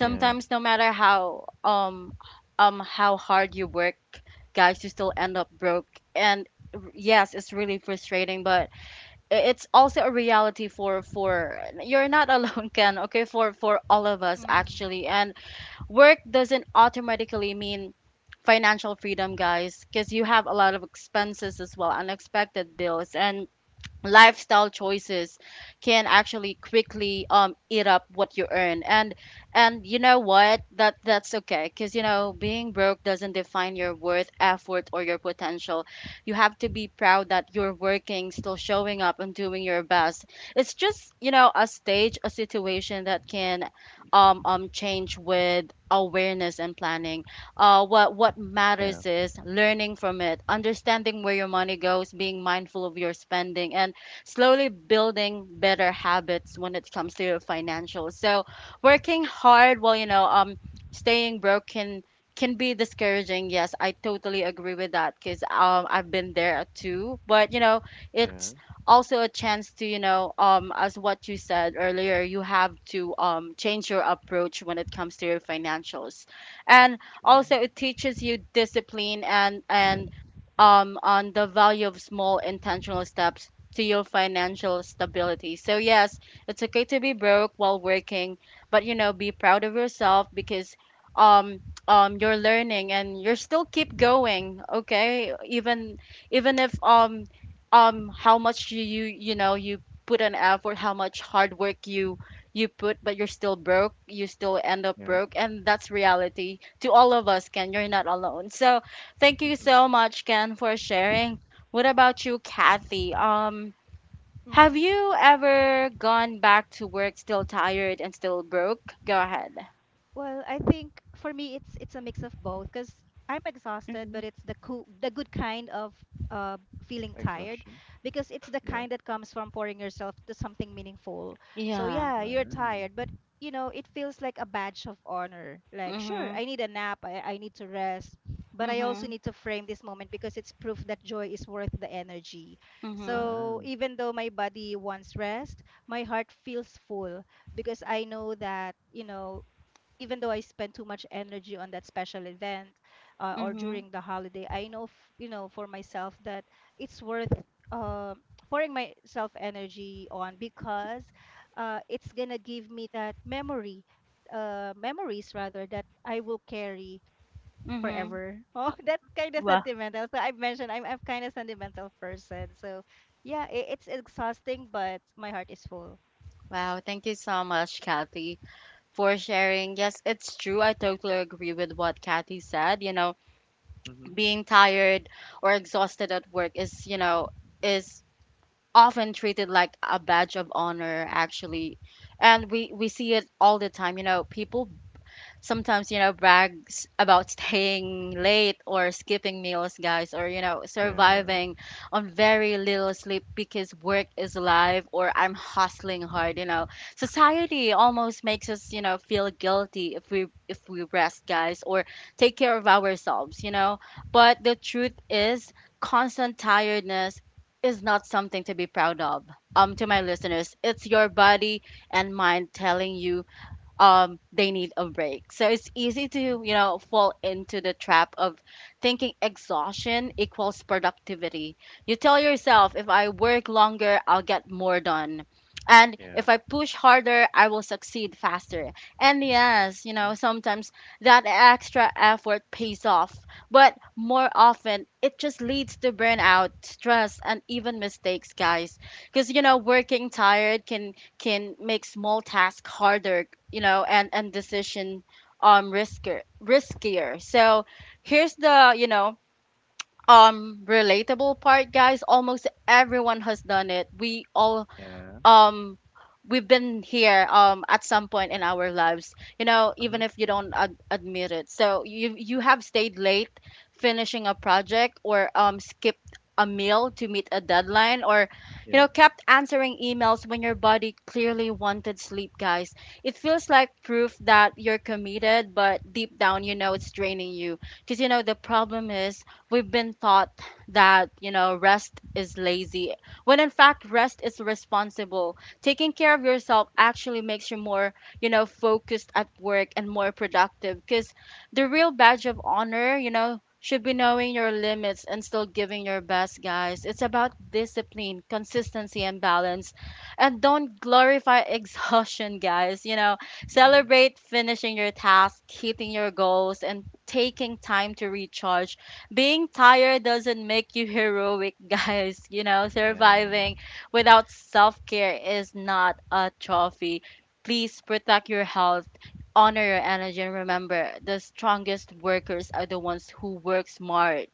B: Yeah,
A: no matter how um um how hard you work, guys, you still end up broke. And yes, it's really frustrating, but i- it's also a reality for for you're not alone, Ken. Okay, for for all of us
C: Mm.
A: actually. And work doesn't automatically mean financial freedom, guys, because you have a lot of expenses as well, unexpected bills, and lifestyle choices can actually quickly um eat up what you earn. and and you know what, that that's okay, because, you know, being broke doesn't define your worth, effort, or your potential. You have to be proud that you're working, still showing up and doing your best. It's just, you know, a stage, a situation that can um um change with awareness and planning. uh, what what
B: yeah,
A: matters is learning from it, understanding where your money goes, being mindful of your spending, and slowly building better habits when it comes to financial. So working hard while, you know, um staying broke can can be discouraging. Yes, I totally agree with that, because um I've been there too. But you know,
B: yeah,
A: it's also a chance to, you know, um as what you said earlier, you have to um change your approach when it comes to your financials. And
B: true.
A: also, it teaches you discipline and and um on the value of small intentional steps to your financial stability. So yes, it's okay to be broke while working, but, you know, be proud of yourself, because um um you're learning and you're still keep going, okay? Even, even if, um um how much you you, you know, you put an effort, how much hard work you you put, but you're still broke, you still end up
B: Yeah.
A: broke, and that's reality to all of us, Ken. You're not alone. So, thank you so much, Ken, for sharing. What about you, Kathy? Um, have
C: Hmm.
A: you ever gone back to work still tired and still broke? Go ahead.
C: Well, I think for me it's it's a mix of both because I'm exhausted,
A: Mm-hmm.
C: but it's the cool, the good kind of uh, feeling tired
B: Exhaustion.
C: because it's the
B: Yeah.
C: kind that comes from pouring yourself to something meaningful. So
A: Yeah.
C: yeah, you're
B: Wow.
C: tired, but you know it feels like a badge of honor. Like sure,
A: Mm-hmm.
C: I need a nap, I, I need to rest, but I also
A: Mm-hmm.
C: need to frame this moment because it's proof that joy is worth the energy.
A: Mm-hmm.
C: So
B: Wow.
C: even though my body wants rest, my heart feels full because I know that you know even though I spend too much energy on that special event, uh, or
A: Mm-hmm.
C: during the holiday, I know, f- you know, for myself that it's worth uh, pouring myself energy on because uh, it's gonna give me that memory, uh, memories rather, that I will carry
A: Mm-hmm.
C: forever. Oh, that's kind of
A: Wow.
C: sentimental. So I mentioned I'm I'm kind of sentimental person. So yeah, it, it's exhausting, but my heart is full.
A: Wow. Thank you so much, Kathy, for sharing. Yes, it's true. I totally agree with what Kathy said. You know,
B: Mm-hmm.
A: being tired or exhausted at work is, you know, is often treated like a badge of honor, actually. And we we see it all the time. You know, people sometimes, you know, brags about staying late or skipping meals, guys, or, you know,
B: Yeah.
A: surviving on very little sleep, because work is live, or I'm hustling hard. You know, society almost makes us, you know, feel guilty if we, if we rest, guys, or take care of ourselves. You know, but the truth is, constant tiredness is not something to be proud of. Um to my listeners, it's your body and mind telling you um they need a break. So it's easy to,
B: Mm-hmm.
A: you know, fall into the trap of thinking exhaustion equals productivity. You tell yourself, if I work longer, I'll get more done. And
B: Yeah.
A: if I push harder, I will succeed faster. And yes, you
B: Mm-hmm.
A: know, sometimes that extra effort pays off, but more often it just leads to burnout, stress, and even mistakes, guys. Because, you know, working tired can can make small tasks harder, you know, and and decision, um riskier riskier So here's the, you know, um relatable part, guys. Almost everyone has done it. We all
B: Yeah.
A: um we've been here um at some point in our lives, you know,
B: Uh-huh.
A: even if you don't ad- admit it. So you you have stayed late finishing a project, or um skipped a meal to meet a deadline, or, you
B: Yeah.
A: know, kept answering emails when your body clearly wanted sleep, guys. It feels like proof that you're committed, but deep down, you know, it's draining you. Because, you know, the problem is, we've been taught that, you know, rest is lazy, when in fact, rest is responsible. Taking care of yourself actually makes you more, you know, focused at work and more productive. Because the real badge of honor, you know, should be knowing your limits and still giving your best, guys. It's about discipline, consistency, and balance. And don't glorify exhaustion, guys. You know,
B: Yeah.
A: celebrate finishing your task, hitting your goals, and taking time to recharge. Being tired doesn't make you heroic, guys. You know,
B: Yeah.
A: surviving without self care is not a trophy. Please protect your health, honor your energy, and remember, the strongest workers are the ones who work smart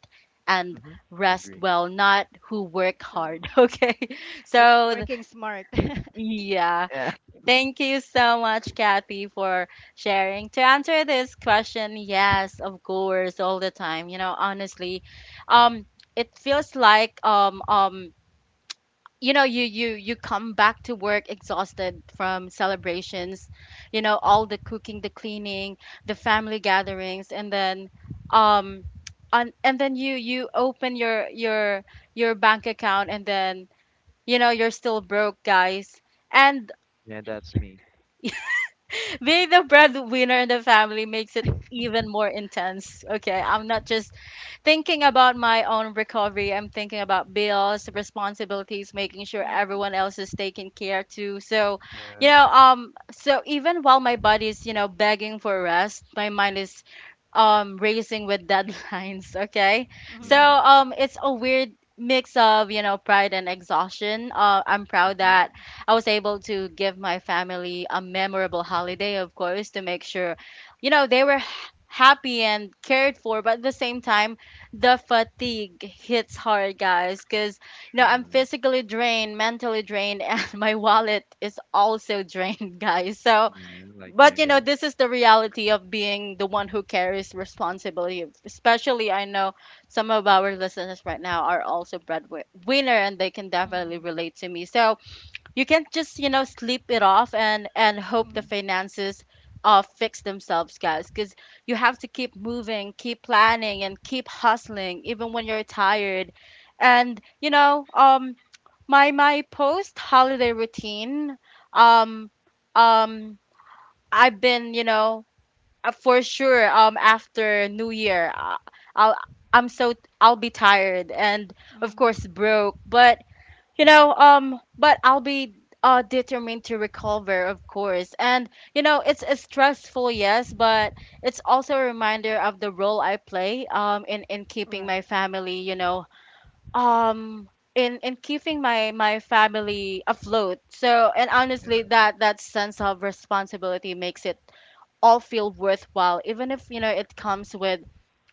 A: and
B: Mm-hmm.
A: rest
B: Agree.
A: well, not who work
C: True.
A: hard. Okay.
C: It's
A: So, th-
C: working smart.
A: yeah.
B: Yeah.
A: Thank you so much, Kathy, for sharing. To answer this question, yes, of course, all the time. You know, honestly, um, it feels like, um um you know, you you you come back to work exhausted from celebrations, you know, all the cooking, the cleaning, the family gatherings, and then um on and then you you open your, your your bank account, and then, you know, you're still broke, guys. And
B: Yeah, that's me.
A: being the breadwinner in the family makes it even more intense. Okay, I'm not just thinking about my own recovery. I'm thinking about bills, responsibilities, making sure
C: Mm.
A: everyone else is taken care to. So, you
B: Yeah.
A: know, um, so even while my body is, you know, begging for rest, my mind is um racing with deadlines. okay so
B: Yeah.
A: um it's a weird mix of you know pride and exhaustion. Uh, i'm proud
B: Mm-hmm.
C: True.
A: that i was able to give my family a memorable holiday, of course, to make sure you know they were h- happy and cared for, but at the same time the fatigue hits hard, guys, because you know i'm
B: True.
A: physically drained, mentally drained, and my wallet is also drained, guys. So
B: Yeah, like me
A: but you know
B: again.
A: this is the reality of being the one who carries responsibility, especially I know some of our listeners right now are also breadwinner and they can definitely
C: Mm-hmm.
A: relate to me. So you can't just, you know, sleep it off and and hope the
B: Hmm.
A: finances uh, fix themselves, guys, because you have to keep moving, keep planning and keep hustling even when you're tired. And you know um my my post holiday routine. um um I've been, you know, uh, for sure. Um, after New Year, uh, I'll I'm so I'll be tired and of
C: Mm.
A: course broke. But you know,
B: Hmm.
A: um, but I'll be uh determined to recover, of course. And you know, it's, it's stressful, yes, but it's also a reminder of the role I play um in in keeping my
C: Right.
A: family, you know, um. In, in keeping my, my family afloat. So and honestly
B: Yeah.
A: that that sense of responsibility makes it all feel worthwhile, even if you know it comes with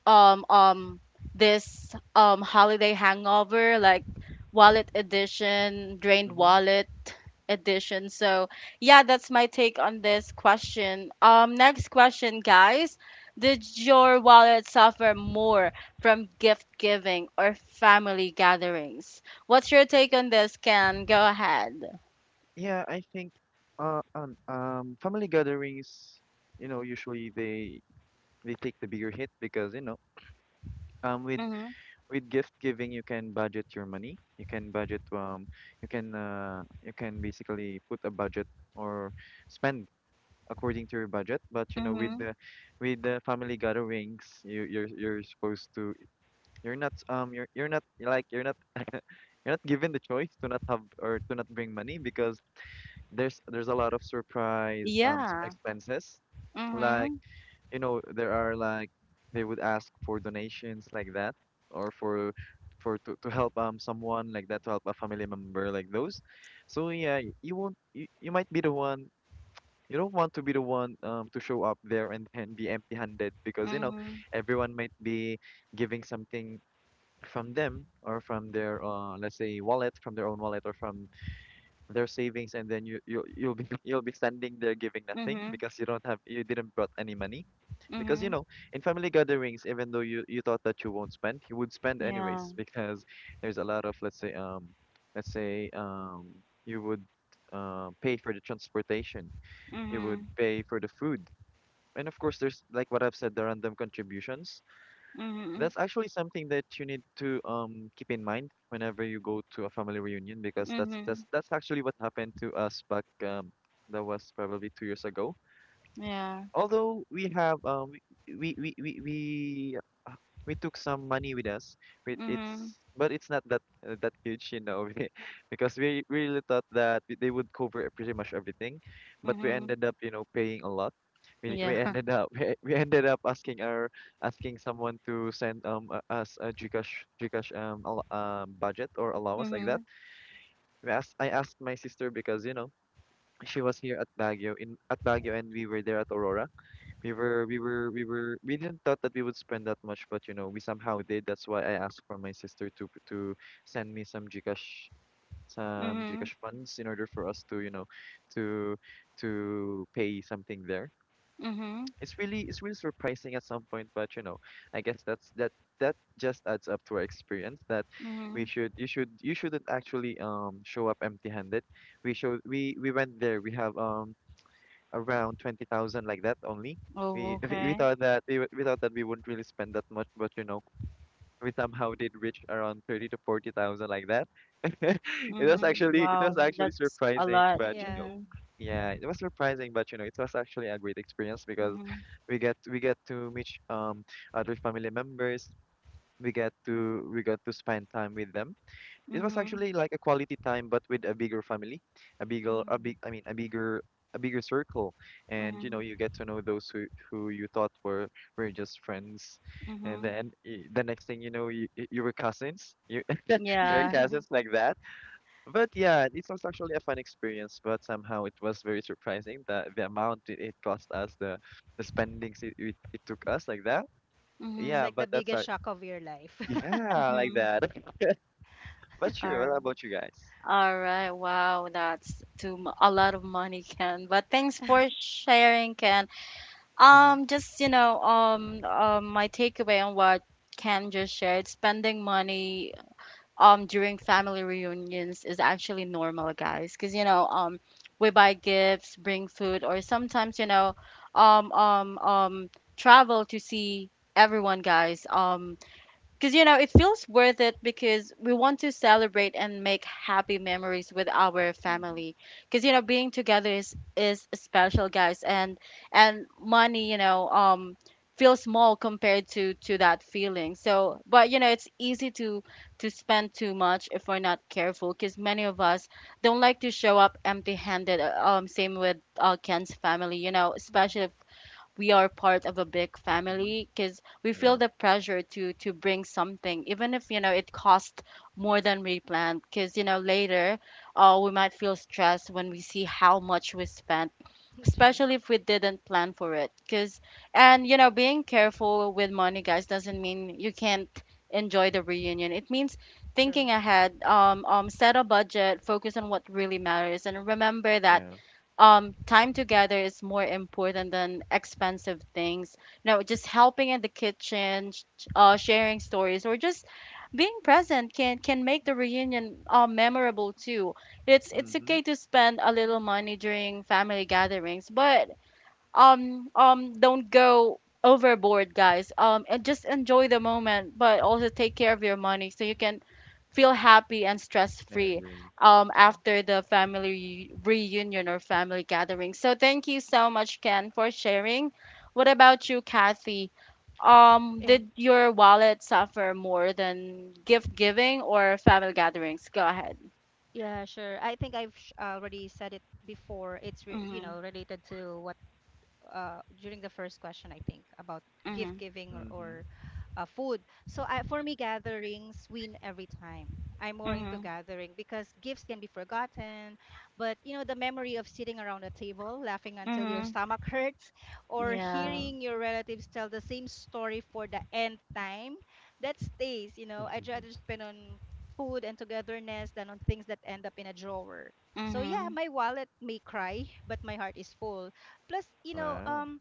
A: um um this um holiday hangover, like wallet edition, drained
B: Hmm.
A: wallet edition. So yeah, that's my take on this question. Um next question, guys, did your wallet suffer more from gift giving or family gatherings? What's your take on this, can go ahead?
B: Yeah, I think uh um um family gatherings, you know, usually they they take the bigger hit because, you know, um with
A: Mhm.
B: with gift giving you can budget your money. You can budget um you can uh you can basically put a budget or spend according to your budget. But you know, with
A: Mhm.
B: the with the family gatherings, you you're you're supposed to. You're not um you're you're not you're like you're not you're not given the choice to not have or to not bring money because there's there's a lot of surprise um s-
A: Yeah.
B: expenses. Like,
A: Mhm.
B: you know, there are like they would ask for donations like that or for for to, to help um someone like that to help a family member like those. So yeah, y- you won't you, you might be the one you don't want to be the one um to show up there and, and be empty-handed because you know
A: Mhm.
B: everyone might be giving something from them or from their uh let's say wallet from their own wallet or from their savings and then you you you'll be you'll be standing there giving nothing
A: Mhm.
B: because you don't have you didn't brought any money because you
A: Mhm.
B: know in family gatherings even though you you thought that you won't spend you would spend
A: Yeah.
B: anyways because there's a lot of let's say um let's say um you would uh, pay for the transportation you would
A: Mhm.
B: pay for the food and of course there's like what I've said the random contributions.
A: Mhm.
B: That's actually something that you need to um keep in mind whenever you go to a family reunion because that's
A: Mhm.
B: that's that's actually what happened to us back um that was probably two years ago.
A: Yeah.
B: Although we have um we we we we, we uh, we took some money with us but
A: Mhm.
B: it's but it's not that uh, that huge you know because we we really thought that we- they would cover pretty much everything but we
A: Mhm.
B: ended up you know paying a lot. we,
A: Yeah.
B: we ended up we, we ended up asking our asking someone to send um uh, us a Gcash Gcash um, al- um budget or allowance like that.
A: Mhm.
B: We asked, I asked my sister because you know she was here at Baguio in at Baguio and we were there at Aurora. We were, we were, we were, we didn't thought that we would spend that much, but you know, we somehow did. That's why I asked for my sister to to send me some Gcash, some
A: Mhm.
B: Gcash funds in order for us to, you know, to to pay something there.
A: Mhm.
B: It's really, it's really surprising at some point, but you know, I guess that's that that just adds up to our experience that we
A: Mhm.
B: should, you should, you shouldn't actually um show up empty-handed. We showed, we we went there. We have um around twenty thousand like that only.
A: Oh,
B: We, we we
A: okay.
B: thought that we, would- we thought that we wouldn't really spend that much, but you know, we somehow did reach around thirty to forty thousand like that. It was
A: Mhm.
B: actually it was
A: Wow,
B: actually
A: that's a
B: surprising,
A: lot.
B: but you know,
C: Yeah.
A: Mhm.
B: yeah, it was surprising, but you know, it was actually a great experience because
A: Mhm.
B: we get we get to meet um other family members. We get to we got to spend time with them. It was
A: Mhm.
B: actually like a quality time, but with a bigger family, a bigger, a big,
C: Mm.
B: I mean, a bigger, a bigger circle, and you know,
A: Mhm.
B: you get to know those who who you thought were were just friends, and
A: Mhm.
B: then y- the next thing you know, you you were cousins, you you were
A: Yeah.
C: Mm.
B: cousins like that. But yeah, it was actually a fun experience, but somehow it was very surprising that the amount it it cost us, the the spendings it it, it took us like that.
C: It's
B: Yeah,
A: Mhm.
C: like the
B: but that's
C: biggest
B: our
C: shock of your life.
B: yeah like
A: Mhm.
B: that. But sure,
A: All
B: what about you guys?
A: all right. Wow, that's too mu- a lot of money, Ken. But thanks for sharing, Ken.
B: Mm-hmm.
A: Um, just you know, um, um, my takeaway on what Cam just shared, spending money um during family reunions is actually normal, guys. Because you know, um, we buy gifts, bring food, or sometimes, you know, um, um, um, travel to see everyone, guys. Um, because, you know, it feels worth it because we want to celebrate and make happy memories with our
C: Mhm,
A: family. Because, you know, being together is, is special, guys. And and money, you know, um, feels small compared to, to that feeling. So, but, you know, it's easy to, to spend too much if we're not careful, because many of us don't like to show up empty handed. Um, same with uh, Ken's family, you know,
C: mhm.
A: especially we are part of a big
B: Mm-hmm.
A: family, because we feel the pressure to to bring something, even if you know it costs
C: Yeah,
A: more than we planned, because you know later uh, we might feel stressed when we see how much we spent,
C: true,
A: especially if we didn't plan for it. Because and you know being careful with money, guys, doesn't mean you can't enjoy the reunion. It means
C: true,
A: thinking ahead. Um, um set a budget, focus on what really matters and remember that
B: Yeah.
A: um time together is more important than expensive things. You know, just helping in the kitchen, sh- uh sharing stories, or just being present can can make the reunion uh, memorable too. It's it's
B: Mm-hmm.
A: okay to spend a little
C: hmm
A: money during family gatherings, but um um don't go overboard, guys. Um and just enjoy the moment, but also take care of your money so you can feel happy and stress
B: I
A: free
B: agree.
A: um
C: true.
A: after the family re- reunion or family gathering. So thank you so much, Ken, for sharing. What about you, Kathy? Um
C: Yeah,
A: did your wallet suffer more than gift giving or family gatherings? Go ahead.
C: yeah, sure. I think I've sh- already said it before. It's re- you
A: Mm-hmm.
C: know, related to what uh, during the first question, I think, about gift
A: Mm-hmm.
C: giving, or,
B: Mm-hmm.
C: or uh, food. So I, for me, gatherings win every time. I'm more into
A: Mm-hmm.
C: gathering because gifts can be forgotten, but you know the memory of sitting around a table, laughing until your
A: Mm-hmm.
C: stomach hurts, or
A: Yeah.
B: Yeah.
C: hearing your relatives tell the same story for the nth time, that stays. You know, I'd rather spend on food and togetherness than on things that end up in a drawer. So yeah,
A: Mm-hmm.
C: my wallet may cry, but my heart is full, plus you know
B: Wow.
C: um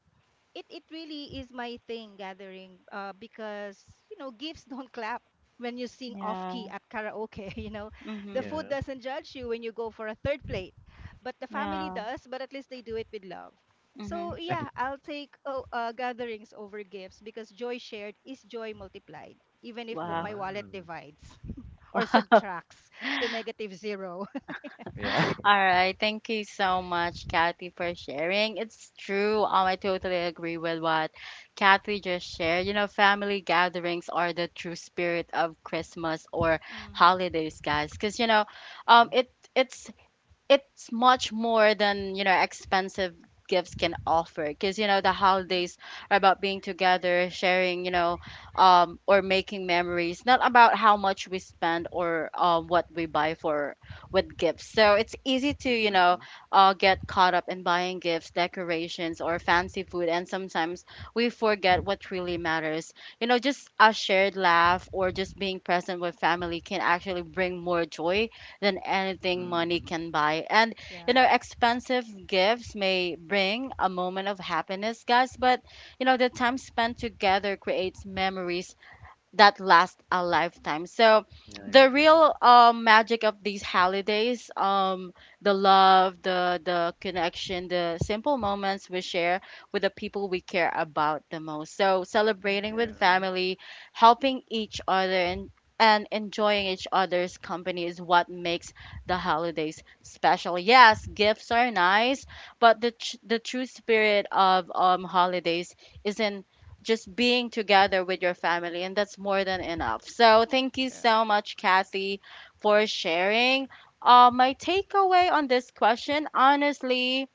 C: it it really is my thing, gathering, uh because you know gifts don't clap when you sing off
A: Yeah.
C: key at karaoke. You know, the
A: Mhm.
C: food
B: Yeah.
C: doesn't judge you when you go for a third plate, but the family
A: Yeah.
C: does, but at least they do it with love.
A: Mm-hmm.
C: So yeah, I'll take oh, uh, gatherings over gifts because joy shared is joy multiplied, even if
A: Wow.
C: my wallet
B: Wow.
C: divides or
A: Wow.
C: subtracts to negative zero.
B: Yeah.
A: All right. Thank you so much, Kathy, for sharing. It's true. Um, I totally agree with what Kathy just shared. You know, family gatherings are the true spirit of Christmas or
C: Mm,
A: holidays, guys. Because you know, um, it it's it's much more than you know expensive gifts can offer, because you know the
C: mm,
A: holidays are about being together, sharing, you know, um or making memories, not about how much we spend or um what we buy for with gifts. So it's easy to, you
B: Mm-hmm.
A: know,
B: Mm-hmm.
A: uh, get caught up in buying gifts, decorations or fancy food, and sometimes we forget what really matters. You know, just a shared laugh or just being present with family can actually bring more joy than anything money
C: mm.
B: Mm-hmm.
A: can buy. And, you
C: Yeah.
A: know, expensive gifts may bring a moment of happiness, guys, but, you know, the time spent together creates memories that last a lifetime. So
B: Yeah, I
A: the
C: Mm,
B: agree.
A: real um, magic of these holidays, um, the love, the the connection, the simple moments we share with the people we care about the most. So
C: yeah,
A: celebrating with
B: Yeah.
A: family, helping each other and and enjoying each other's company is what makes the holidays special. Yes, gifts are nice, but the tr- the true spirit of um holidays isn't just being together with your family, and that's more than enough. So, thank you so much, Kathy, for sharing. Uh, my takeaway on this question, honestly,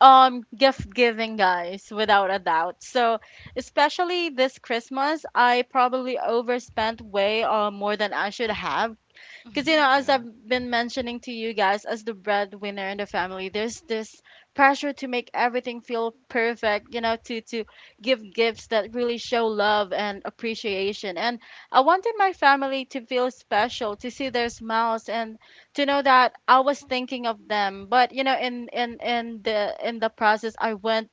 A: um, gift giving, guys, without a doubt. So, especially this Christmas, I probably overspent way uh, more than I should have, because, you
C: true.
A: know, as
B: Yeah.
A: I've been mentioning to you guys, as the breadwinner in the family, there's this pressure to make everything feel perfect, you know, to, to give gifts that really show love and appreciation. And I wanted my family to feel special, to see their smiles and to know that I was thinking of them. But, you know, in, in, in the in the process I went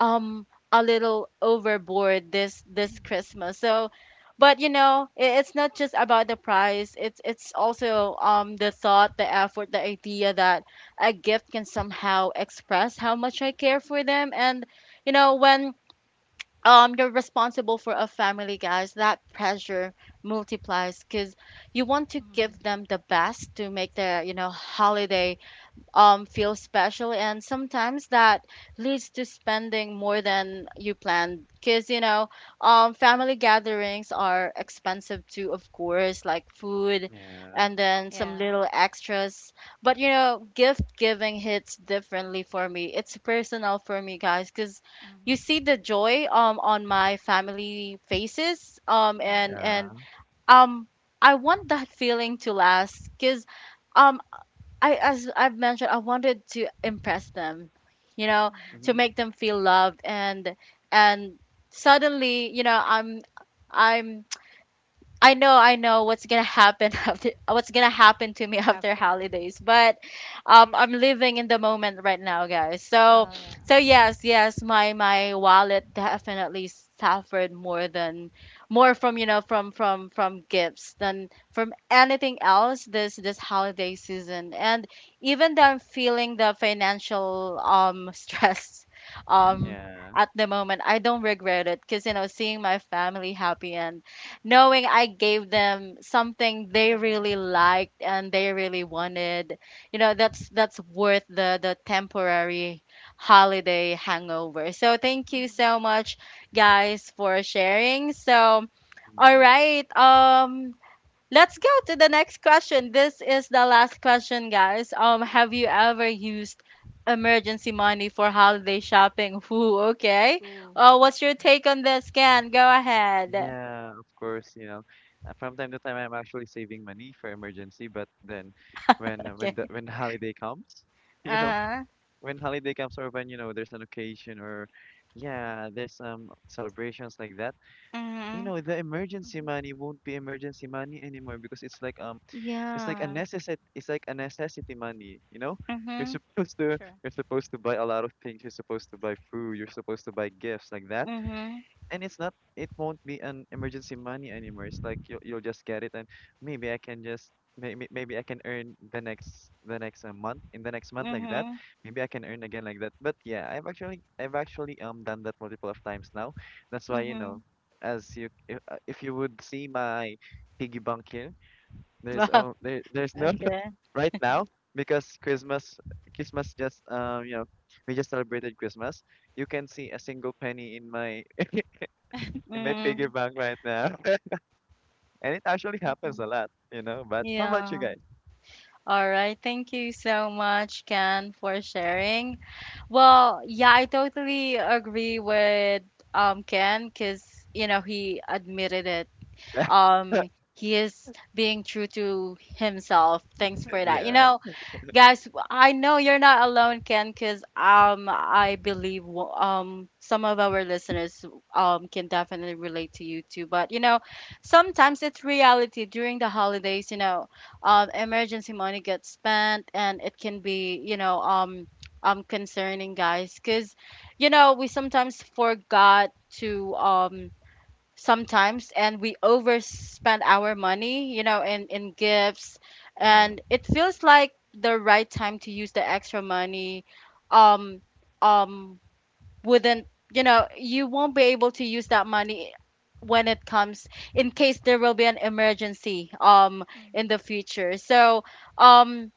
A: um a little overboard this this Christmas. So, but you know, i- it's not just about the price. It's it's also um the thought, the effort, the idea that a gift can somehow express how much I care for them. And you know, when um you're responsible for a family, guys, that pressure multiplies because you want to
C: Mm-hmm.
A: give them the best to make their, you know, holiday um, feel special. And sometimes that leads to spending more than you planned. Because, you know, um, family gatherings are expensive too, of course, like food
B: Yeah.
A: and then some
C: Yeah.
A: little extras. But, you know, gift giving hits differently for me. It's personal for me, guys, because you
C: Mm-hmm.
A: see the joy um, on my family faces, um,
C: Yeah.
A: and, and
B: Yeah.
A: um, I want that feeling to last, because um I, as I've mentioned, I wanted to impress them, you know,
C: Mm-hmm.
A: to
B: Mm-hmm.
A: make them feel loved and and suddenly, you know, I'm I'm I know, I know what's gonna happen after, what's gonna happen to me after
C: After.
A: holidays. But um, I'm living in the moment right now, guys. So,
C: Oh yeah,
A: so
B: Mm-hmm.
A: yes, yes, my my wallet definitely suffered more than more from, you know, from from from gifts than from anything else this this holiday season. And even though I'm feeling the financial um stress um
B: Yeah.
A: at the moment, I don't regret it, because you know seeing my family happy and knowing I gave them something they
C: the
A: really
C: best.
A: liked and they really wanted. You know, that's that's worth the the temporary holiday hangover. So thank you
C: Mm-hmm.
A: so much, guys, for sharing. So all
B: Mm-hmm.
A: right, um let's go to the next question. This is the last question, guys. Um have you ever used emergency money for holiday shopping? Whoo, okay.
C: Ooh.
A: Uh, what's your take on this, Ken? Go ahead.
B: Yeah, of course, you know, uh, from time to time I'm actually saving money for emergency, but then when uh, when
A: Okay.
B: the when the holiday comes, you know,
A: Uh-huh.
B: when holiday comes or when, you know, there's an occasion or yeah, there's some celebrations like that. You
A: Mhm.
B: know the emergency
C: Mm-hmm.
B: money won't be emergency money anymore because it's like um it's like a
A: Yeah.
B: necessity it's like a necessity money you know you're
A: Mhm.
B: supposed to
C: Sure.
B: you're supposed to buy a lot of things you're supposed to buy food you're supposed to buy gifts like that
A: Mhm.
B: and it's not it won't be an emergency money anymore it's like you, you'll just get it and maybe i can just maybe maybe I can earn the next the next uh, month in the next month like that.
A: Mhm.
B: Maybe I can earn again like that but yeah i've actually I've actually um done that multiple of times now. That's why you know
A: Mhm.
B: as you if, uh, if you would see my piggy bank here there's
A: Wow.
B: oh there, there's no
A: Okay.
B: right now because christmas christmas just um you know we just celebrated Christmas. You can see a single penny in my in my piggy
A: Mhm.
B: bank right now. And it actually happens a
A: Mhm.
B: lot, you know. But how about you
A: Yeah.
B: guys?
A: All right. Thank you so much, Ken, for sharing. Well, yeah, I totally agree with um Ken because you know he admitted it. Um, he is being true to himself. Thanks
C: Mhm.
A: for that. You
B: Yeah.
A: know, guys, I know you're not alone, Ken, because um, I believe w- um, some of our listeners um, can definitely relate to you too. But you know, sometimes it's reality during the holidays. You know, um, emergency money gets spent, and it can be, you know, um, um concerning, guys, because you know we sometimes forgot to um sometimes and we overspend our money, you know, in, in gifts.
B: Yeah.
A: And it feels like the right time to use the extra money. Um um wouldn't You know, you won't be able to use that money when it comes, in case there will be an emergency um in the future. So um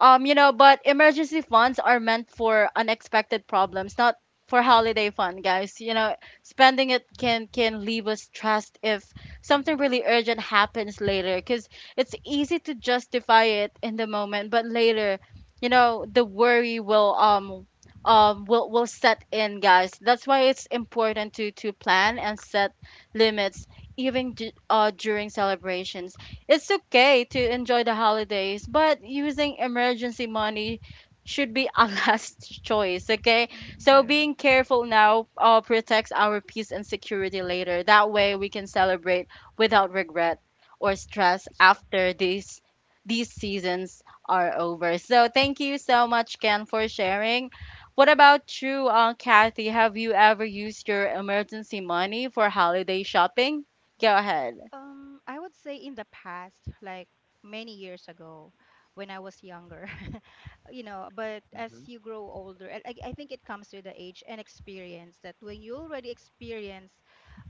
A: um, you know, but emergency funds are meant for unexpected problems, not for holiday fun, guys. You know, spending it can can leave us stressed if something
B: Hmm.
A: really urgent happens later, because it's easy to justify it in the moment, but later, you know, the worry will um um will will set in, guys. That's why it's important to to plan and set limits even d- uh during celebrations. It's okay to enjoy the holidays, but using emergency money should be a last choice, okay? So
B: Yeah.
C: Mhm.
A: being careful now uh, protects our peace and security later. That way we can celebrate without regret or stress after these these seasons are over. So thank you so much, Ken, for sharing. What about you, uh, Kathy? Have you ever used your emergency money for holiday shopping? Go ahead.
C: Um, I would say in the past, like many years ago, when I was younger, you know, but as
B: Hmm.
C: you grow older, and I, I think it comes with the age and experience that when you already experience,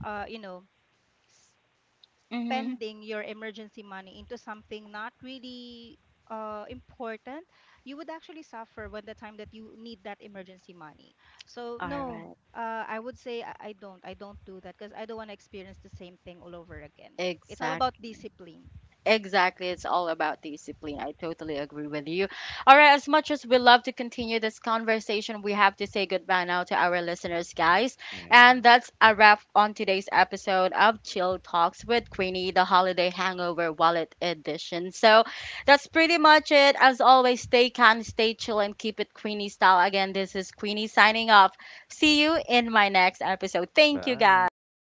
C: uh, you know, s-
A: Mhm.
C: spending your emergency money into something not really uh, important, you would actually suffer when the time that you need that emergency money. So
A: All
C: no,
A: right.
C: uh, I would say I, I don't. I don't do that because I don't want to experience the same thing all over again. It's all about
A: Exactly.
C: discipline.
A: Exactly. It's all about discipline. I totally agree with you. All right. As much as we love to continue this conversation, we have to say goodbye now to our listeners, guys. And
B: Yeah.
A: that's a wrap on today's episode of Chill Talks with Queenie, the Holiday Hangover Wallet Edition. So that's pretty much it. As always, stay calm, stay chill, and keep it Queenie style. Again, this is Queenie signing off. See you in my next episode. Thank you,
B: Bye.
A: guys.